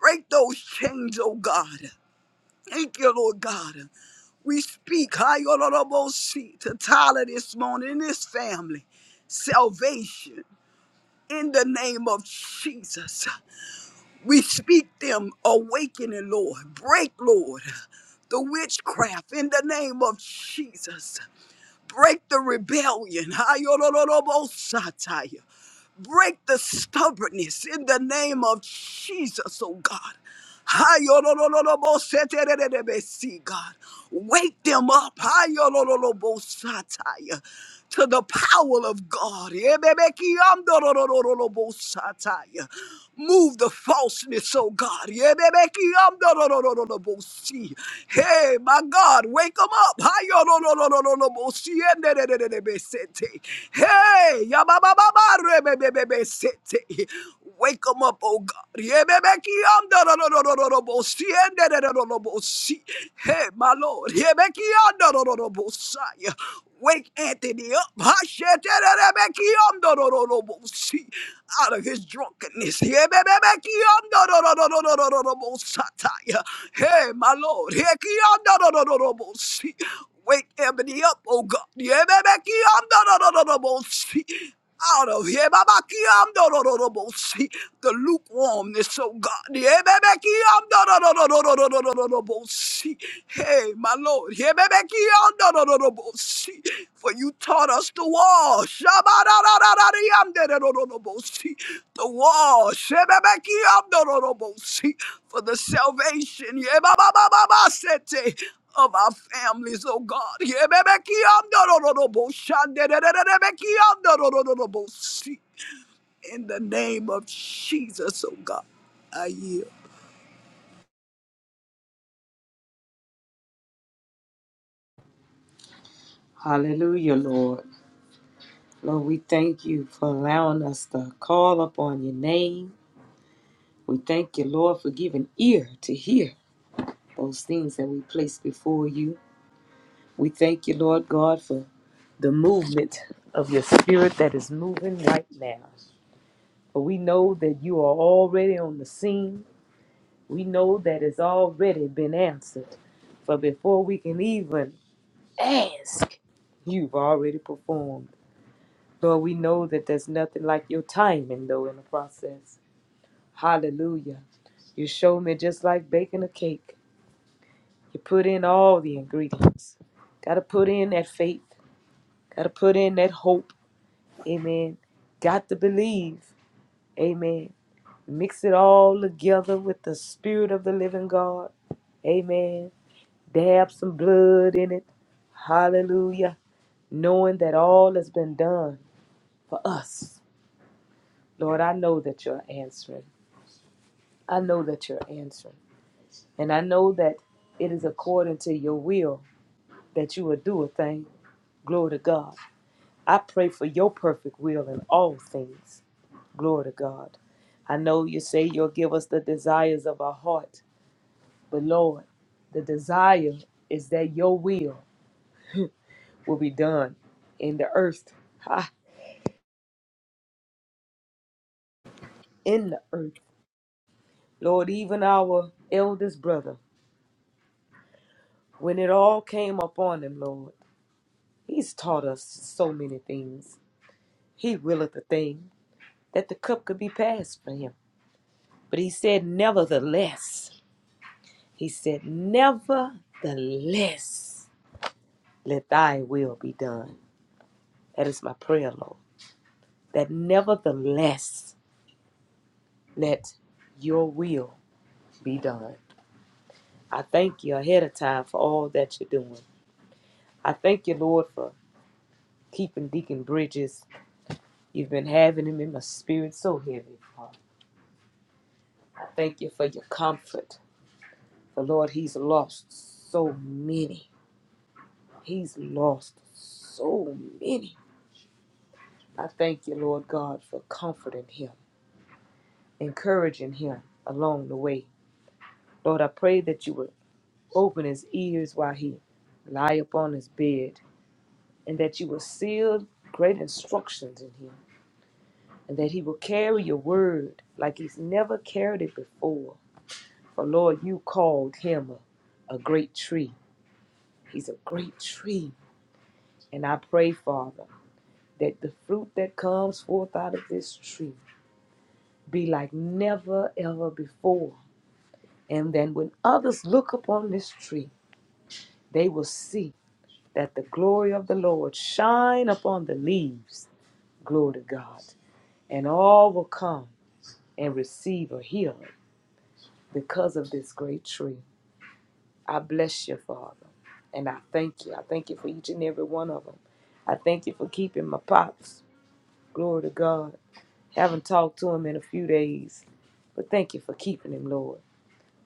C: Break those chains, oh God. Thank you, Lord God. We speak Hayodododobosi, to Tyler this morning and his family. Salvation in the name of Jesus. We speak them awakening, Lord. Break, Lord, the witchcraft in the name of Jesus. Break the rebellion. Ayororobosataya. Break the stubbornness in the name of Jesus, oh God. Ayorororobosetererebesi, God. Wake them up. Ayorororobosataya to the power of God. Ebebekiamdororororobosataya. Move the falseness, oh God. Ebebekiamdororororobosi. Hey, my God, wake them up. Hayorororororobosi. Enderererebesete. Hey, yabababa, rebebebebesete. Wake them up, oh God. Yebebekiandororororobosi, endererororobosi. Hey, my Lord. Yebekiandorororobosai. Wake Anthony up. Hashetererebekiandorororobosi. Out of his drunkenness. Yebebebekiandororororobosatai. Hey, my Lord. Hekiandorororobosi. Wake Ebony up, oh God. Yebebekiandorororobosi out of here. Babakiamdorororobosi. The lukewarmness, oh God. ro-ro-ro-bo see. Hey, my Lord. ro-ro-ro-bo see. For you taught us to wash. Shaba da da da da, Shabararararariamdorororobosi. The wash. ro-ro-bo see For the salvation. Yebababababasete of our families, oh God. In the name of Jesus, oh God, I yield.
A: Hallelujah, Lord. Lord, we thank you for allowing us to call upon your name. We thank you, Lord, for giving ear to hear those things that we place before you. We thank you, Lord God, for the movement of your spirit that is moving right now. For we know that you are already on the scene. We know that it's already been answered. For before we can even ask, you've already performed. Lord, we know that there's nothing like your timing, though, in the process. Hallelujah. You showed me just like baking a cake. You put in all the ingredients. Got to put in that faith. Got to put in that hope. Amen. Got to believe. Amen. Mix it all together with the Spirit of the living God. Amen. Dab some blood in it. Hallelujah. Knowing that all has been done for us. Lord, I know that you're answering. I know that you're answering. And I know that it is according to your will that you will do a thing. Glory to God. I pray for your perfect will in all things. Glory to God. I know you say you'll give us the desires of our heart, but Lord, the desire is that your will will be done in the earth. Ha, in the earth. Lord, even our eldest brother, when it all came upon him, Lord, he's taught us so many things. He willeth a thing that the cup could be passed for him. But he said, nevertheless, he said, nevertheless, let thy will be done. That is my prayer, Lord. That nevertheless, let your will be done. I thank you ahead of time for all that you're doing. I thank you, Lord, for keeping Deacon Bridges. You've been having him in my spirit so heavy, Father. I thank you for your comfort. For Lord, he's lost so many. He's lost so many. I thank you, Lord God, for comforting him, encouraging him along the way. Lord, I pray that you would open his ears while he lie upon his bed, and that you will seal great instructions in him, and that he will carry your word like he's never carried it before. For Lord, you called him a, a great tree. He's a great tree. And I pray, Father, that the fruit that comes forth out of this tree be like never ever before. And then when others look upon this tree, they will see that the glory of the Lord shine upon the leaves, glory to God, and all will come and receive a healing because of this great tree. I bless you, Father, and I thank you. I thank you for each and every one of them. I thank you for keeping my pops. Glory to God. Haven't talked to him in a few days, but thank you for keeping him, Lord.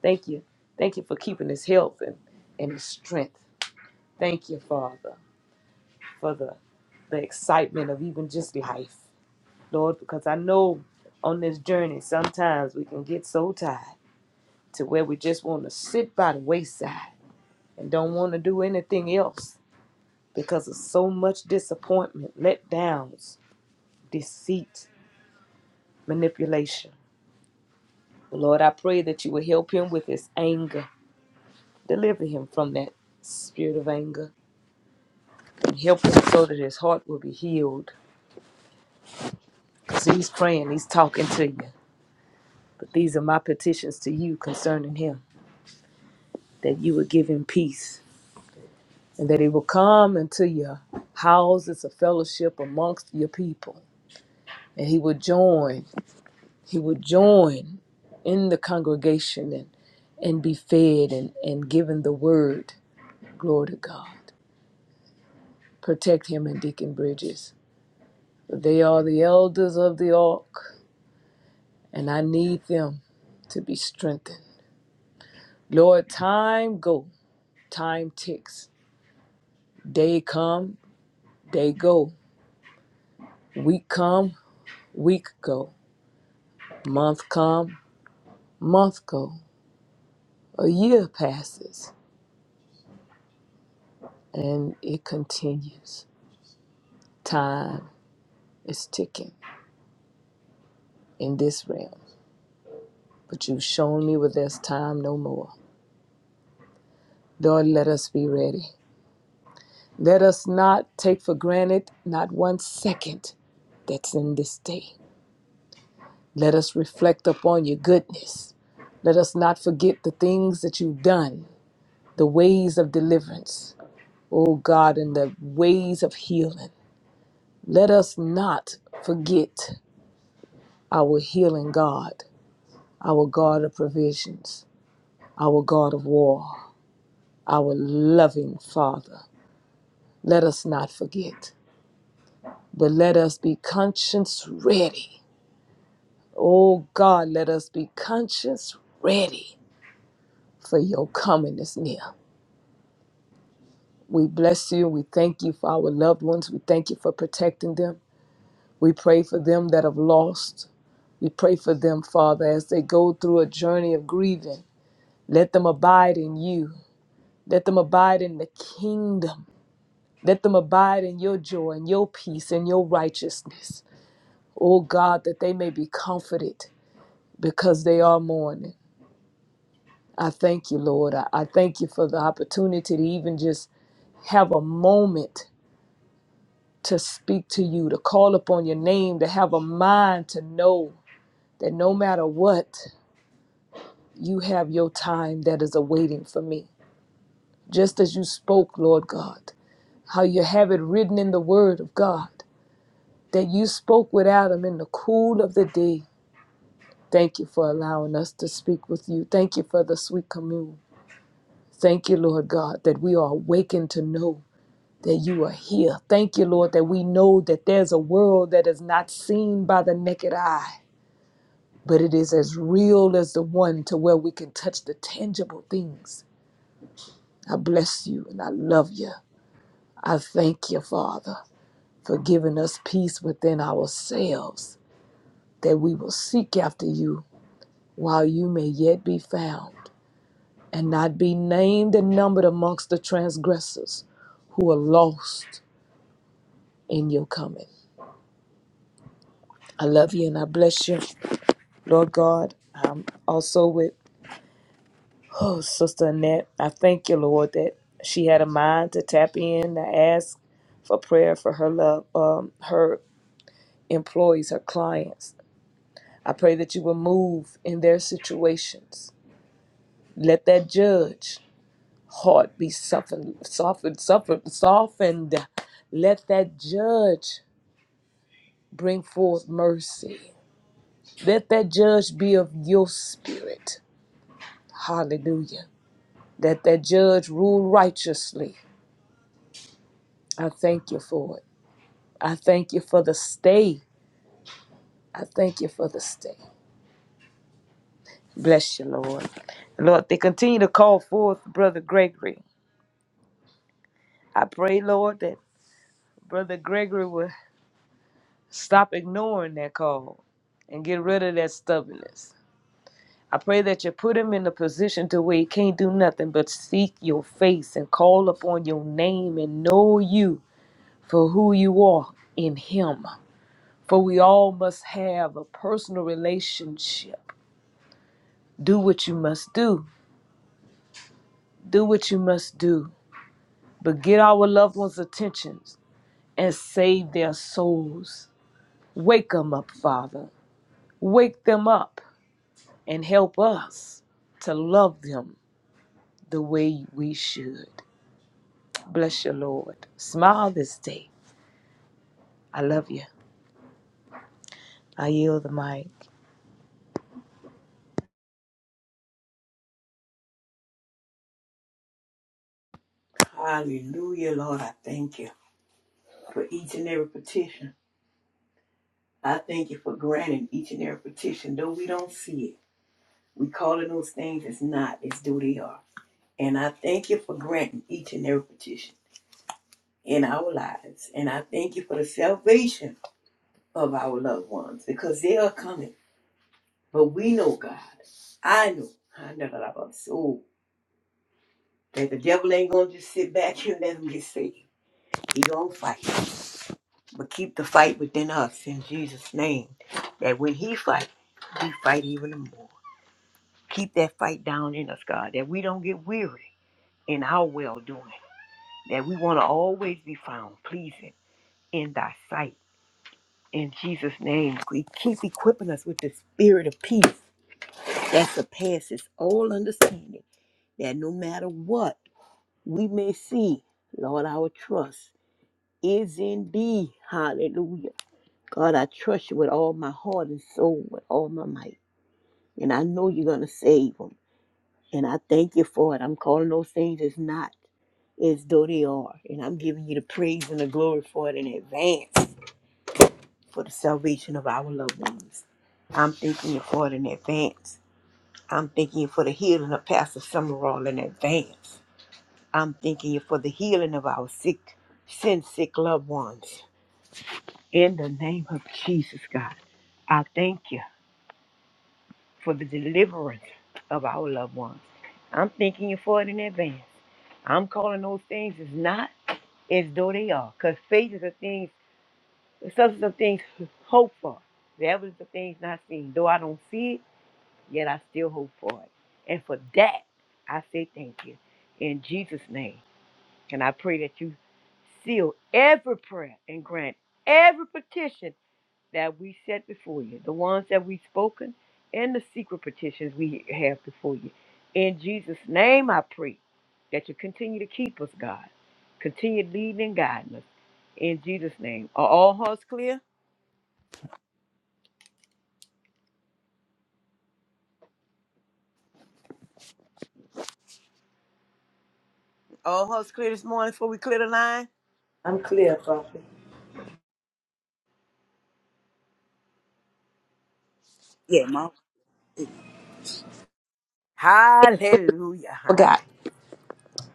A: Thank you. Thank you for keeping his health and, and his strength. Thank you, Father, for the, the excitement of even just life. Lord, because I know on this journey sometimes we can get so tired to where we just want to sit by the wayside and don't want to do anything else because of so much disappointment, letdowns, deceit, manipulation. Lord, I pray that you will help him with his anger. Deliver him from that spirit of anger. And help him so that his heart will be healed. Because he's praying, he's talking to you. But these are my petitions to you concerning him that you would give him peace and that he will come into your houses of fellowship amongst your people and he would join he would join in the congregation and and be fed and and given the word glory to god protect him and deacon bridges they are the elders of the ark and i need them to be strengthened lord time go time ticks day come day go week come week go month come month go, a year passes, and it continues. Time is ticking in this realm, but you've shown me where there's time no more. Lord, let us be ready. Let us not take for granted not one second that's in this day. Let us reflect upon your goodness. Let us not forget the things that you've done, the ways of deliverance, oh God, and the ways of healing. Let us not forget our healing God, our God of provisions, our God of war, our loving Father. Let us not forget, but let us be conscience ready. Oh God, let us be conscience ready for your coming is near. We bless you. We thank you for our loved ones. We thank you for protecting them. We pray for them that have lost. We pray for them, Father, as they go through a journey of grieving. Let them abide in you. Let them abide in the kingdom. Let them abide in your joy and your peace and your righteousness. Oh God, that they may be comforted because they are mourning. I thank you, Lord. I, I thank you for the opportunity to even just have a moment to speak to you, to call upon your name, to have a mind to know that no matter what, you have your time that is awaiting for me. Just as you spoke, Lord God, how you have it written in the Word of God that you spoke with Adam in the cool of the day. Thank you for allowing us to speak with you. Thank you for the sweet commune. Thank you, Lord God, that we are awakened to know that you are here. Thank you, Lord, that we know that there's a world that is not seen by the naked eye, but it is as real as the one to where we can touch the tangible things. I bless you and I love you. I thank you, Father, for giving us peace within ourselves, that we will seek after you while you may yet be found, and not be named and numbered amongst the transgressors who are lost in your coming. I love you and I bless you, Lord God. I'm also with oh, Sister Annette. I thank you, Lord, that she had a mind to tap in to ask for prayer for her love, um, her employees, her clients. I pray that you will move in their situations. Let that judge heart be softened, softened, softened, softened. Let that judge bring forth mercy. Let that judge be of your spirit. Hallelujah. Let that judge rule righteously. I thank you for it. I thank you for the stay. I thank you for the stay. Bless you, Lord. Lord, they continue to call forth Brother Gregory. I pray, Lord, that Brother Gregory will stop ignoring that call and get rid of that stubbornness. I pray that you put him in a position to where he can't do nothing but seek your face and call upon your name and know you for who you are in him. For we all must have a personal relationship. Do what you must do. Do what you must do. But get our loved ones' attentions and save their souls. Wake them up, Father. Wake them up and help us to love them the way we should. Bless you, Lord. Smile this day. I love you. I yield the mic.
B: Hallelujah, Lord. I thank you for each and every petition. I thank you for granting each and every petition, though we don't see it. We call it those things that's not as though they are. And I thank you for granting each and every petition in our lives. And I thank you for the salvation of our loved ones because they are coming. But we know God. I know. I know that about soul. That the devil ain't gonna just sit back and let him get saved. He gonna fight. But keep the fight within us in Jesus' name. That when he fight, we fight even more. Keep that fight down in us, God, that we don't get weary in our well doing. That we wanna always be found pleasing in thy sight. In Jesus' name, we keep equipping us with the spirit of peace that surpasses all understanding, that no matter what we may see, Lord, our trust is in thee. Hallelujah. God, I trust you with all my heart and soul, with all my might. And I know you're going to save them. And I thank you for it. I'm calling those things as not as though they are. And I'm giving you the praise and the glory for it in advance for the salvation of our loved ones. I'm thanking you for it in advance. I'm thanking you for the healing of Pastor Summerall in advance. I'm thanking you for the healing of our sick, sin sick loved ones. In the name of Jesus, God, I thank you for the deliverance of our loved ones. I'm thanking you for it in advance. I'm calling those things as not as though they are, because faith is a thing, the substance of things hoped for, the evidence of things not seen. Though I don't see it, yet I still hope for it. And for that, I say thank you. In Jesus' name. And I pray that you seal every prayer and grant every petition that we set before you, the ones that we've spoken and the secret petitions we have before you. In Jesus' name, I pray that you continue to keep us, God. Continue leading and guiding us. In Jesus' name. Are all hearts clear? All hearts clear this morning before we clear the line?
A: I'm clear, Prophet.
B: Hallelujah.
A: Forgot.
B: Hallelujah.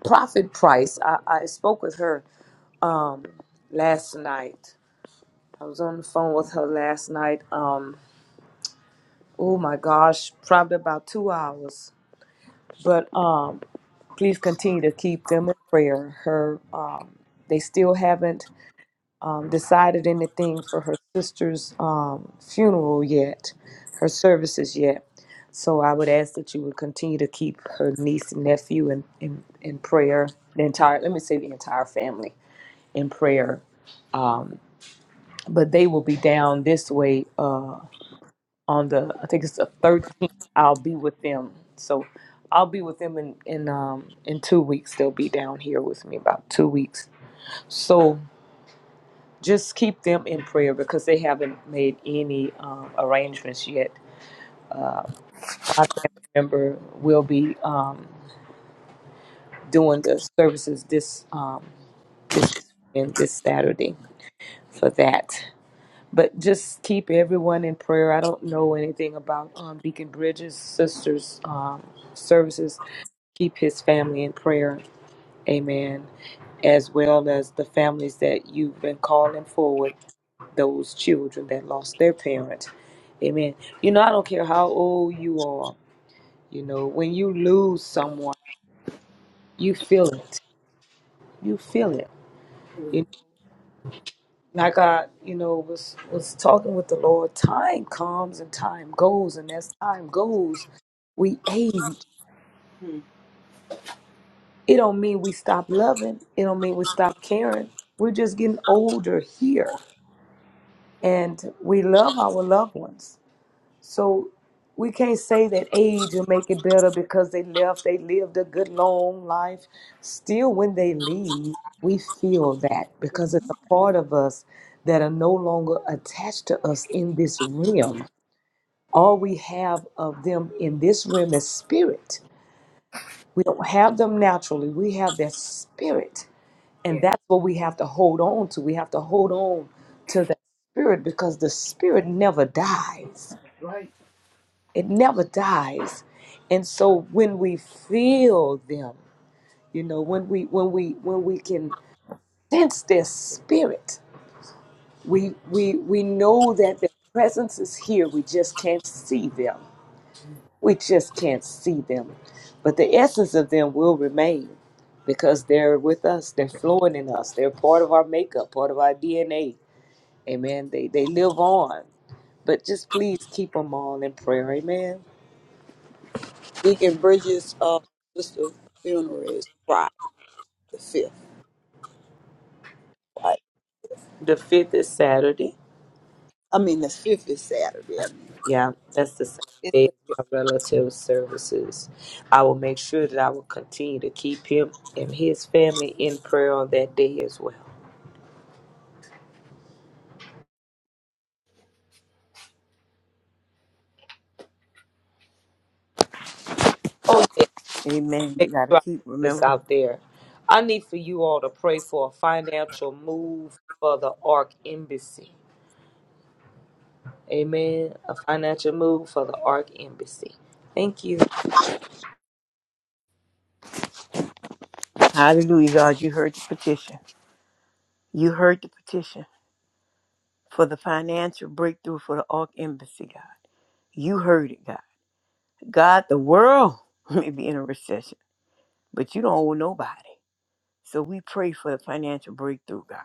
A: Prophet Price. I, I spoke with her um last night. I was on the phone with her last night. Um oh my gosh, probably about two hours. But um please continue to keep them in prayer. Her um they still haven't um, decided anything for her sister's um, funeral yet, her services yet. So I would ask that you would continue to keep her niece and nephew in, in, in prayer, the entire, let me say the entire family in prayer. Um, but they will be down this way uh, on the, I think it's the 13th, I'll be with them. So I'll be with them in, in, um, in two weeks. They'll be down here with me about two weeks. So Just keep them in prayer because they haven't made any um, arrangements yet. My family member will be um, doing the services this um, this weekend, this Saturday for that. But just keep everyone in prayer. I don't know anything about um, Deacon Bridges' sister's um, services. Keep his family in prayer. Amen as well as the families that you've been calling forward. those children that lost their parents. Amen. You know, I don't care how old you are, you know, when you lose someone, you feel it. You feel it. You know, like I, you know, was was talking with the Lord, time comes and time goes, and as time goes, we age.
B: Hmm.
A: It don't mean we stop loving. It don't mean we stop caring. We're just getting older here. And we love our loved ones So we can't say that age will make it better because they left, they lived a good long life. Still, when they leave, we feel that because it's a part of us that are no longer attached to us in this realm. All we have of them in this realm is spirit. We don't have them naturally, we have their spirit. And
B: Yeah.
A: that's what we have to hold on to. We have to hold on to that spirit because the spirit never dies
B: Right.
A: it never dies and so when we feel them you know when we when we when we can sense their spirit we we we know that their presence is here we just can't see them we just can't see them but the essence of them will remain because they're with us they're flowing in us they're part of our makeup part of our dna amen they they live on but just please keep them all in prayer amen
C: Deacon Bridges, uh, sister funeral is Friday the fifth. Right?
A: the fifth is saturday
C: I mean, the fifth is Saturday. I mean,
A: Yeah, that's the same
C: it's
A: day
C: the fifth.
A: as my relative services. I will make sure that I will continue to keep him and his family in prayer on that day as well. Oh, yeah,
B: Amen. We
A: make
B: got to
A: sure I
B: keep
A: put this
B: remembering.
A: out there. I need for you all to pray for a financial move for the Ark Embassy. Amen. A financial move for the Ark Embassy. Thank you.
B: Hallelujah, God. You heard the petition. You heard the petition for the financial breakthrough for the Ark Embassy, God. You heard it, God. God, the world may be in a recession, but you don't owe nobody. So we pray for the financial breakthrough, God,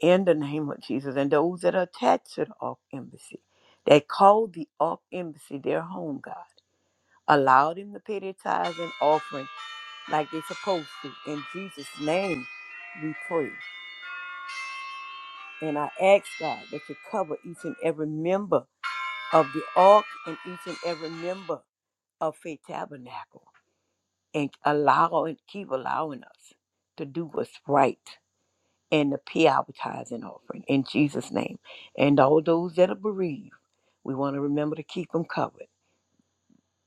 B: in the name of Jesus and those that are attached to the Ark Embassy, that called the Ark Embassy their home, God. Allow them to pay their tithes and offerings like they're supposed to. In Jesus' name, we pray. And I ask God that you cover each and every member of the ark and each and every member of Faith Tabernacle and allow and keep allowing us to do what's right and to pay our tithes and offering in Jesus' name. And all those that are bereaved, we want to remember to keep them covered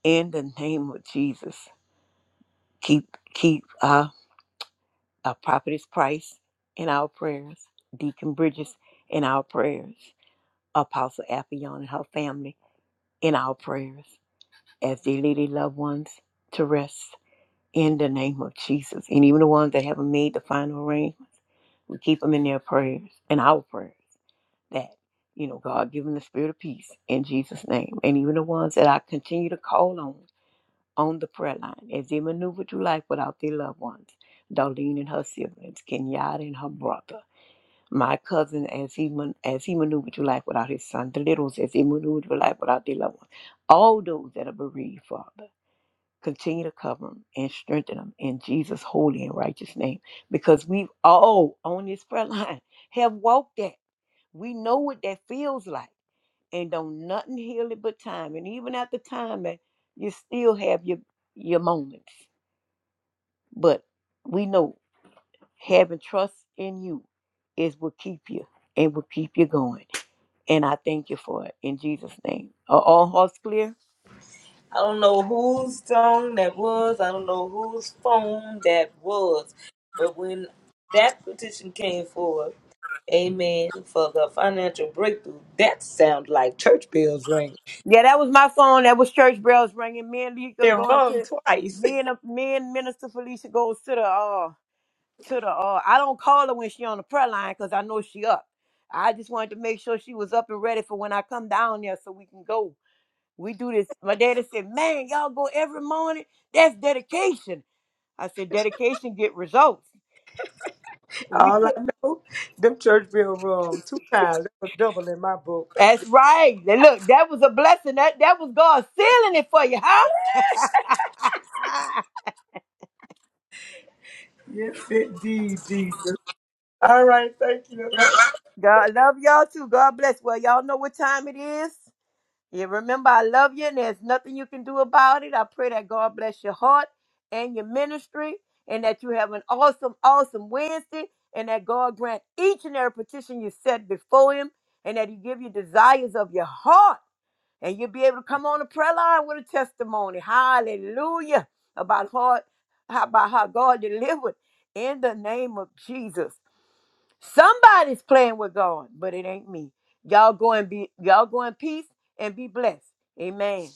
B: in the name of Jesus. Keep keep uh, uh, Prophetess Price in our prayers, Deacon Bridges in our prayers, Apostle Appion and her family in our prayers as they lead their loved ones to rest in the name of Jesus. And even the ones that haven't made the final arrangements, we keep them in their prayers, in our prayers, that, you know, God give them the spirit of peace in Jesus' name. And even the ones that I continue to call on on the prayer line as they maneuver through life without their loved ones, Darlene and her siblings, Kenyatta and her brother. My cousin, as he man, as he maneuvered through life without his son, the little as he maneuvered through life without their loved ones, all those that are bereaved, Father, continue to cover them and strengthen them in Jesus' holy and righteous name, because we've all on this prayer line have walked that. We know what that feels like, and don't nothing heal it but time. And even at the time, man, you still have your your moments, but we know having trust in you is what keep you and will keep you going. And I thank you for it in Jesus' name. Are all hearts clear?
A: I don't know whose song that was. I don't know whose phone that was. But when that petition came forward, Amen for the financial breakthrough. That sounds like church bells ring.
B: Yeah, that was my phone. That was church bells ringing. Me and Lika
A: They're
B: going
A: rung
B: to
A: twice.
B: me and me and Minister Felicia goes to the uh to the uh. I don't call her when she on the prayer line because I know she up. I just wanted to make sure she was up and ready for when I come down there so we can go. We do this. My daddy said, "Man, y'all go every morning. That's dedication." I said, "Dedication get results." We
A: All I know, them church bells rung two times. That was double in my book. Thank you.
B: That's right. Now Look, that was a blessing. That that was God sealing it for you, huh?
A: Yes, indeed, Jesus. All right, thank you.
B: God love y'all too. God bless. Well, y'all know what time it is. Yeah, remember, I love you, and there's nothing you can do about it. I pray that God bless your heart and your ministry, and that you have an awesome, awesome Wednesday, and that God grant each and every petition you set before Him, and that He give you desires of your heart. And you'll be able to come on the prayer line with a testimony. Hallelujah. About how, about how God delivered in the name of Jesus. Somebody's playing with God, but it ain't me. Y'all go and be y'all go in peace and be blessed. Amen.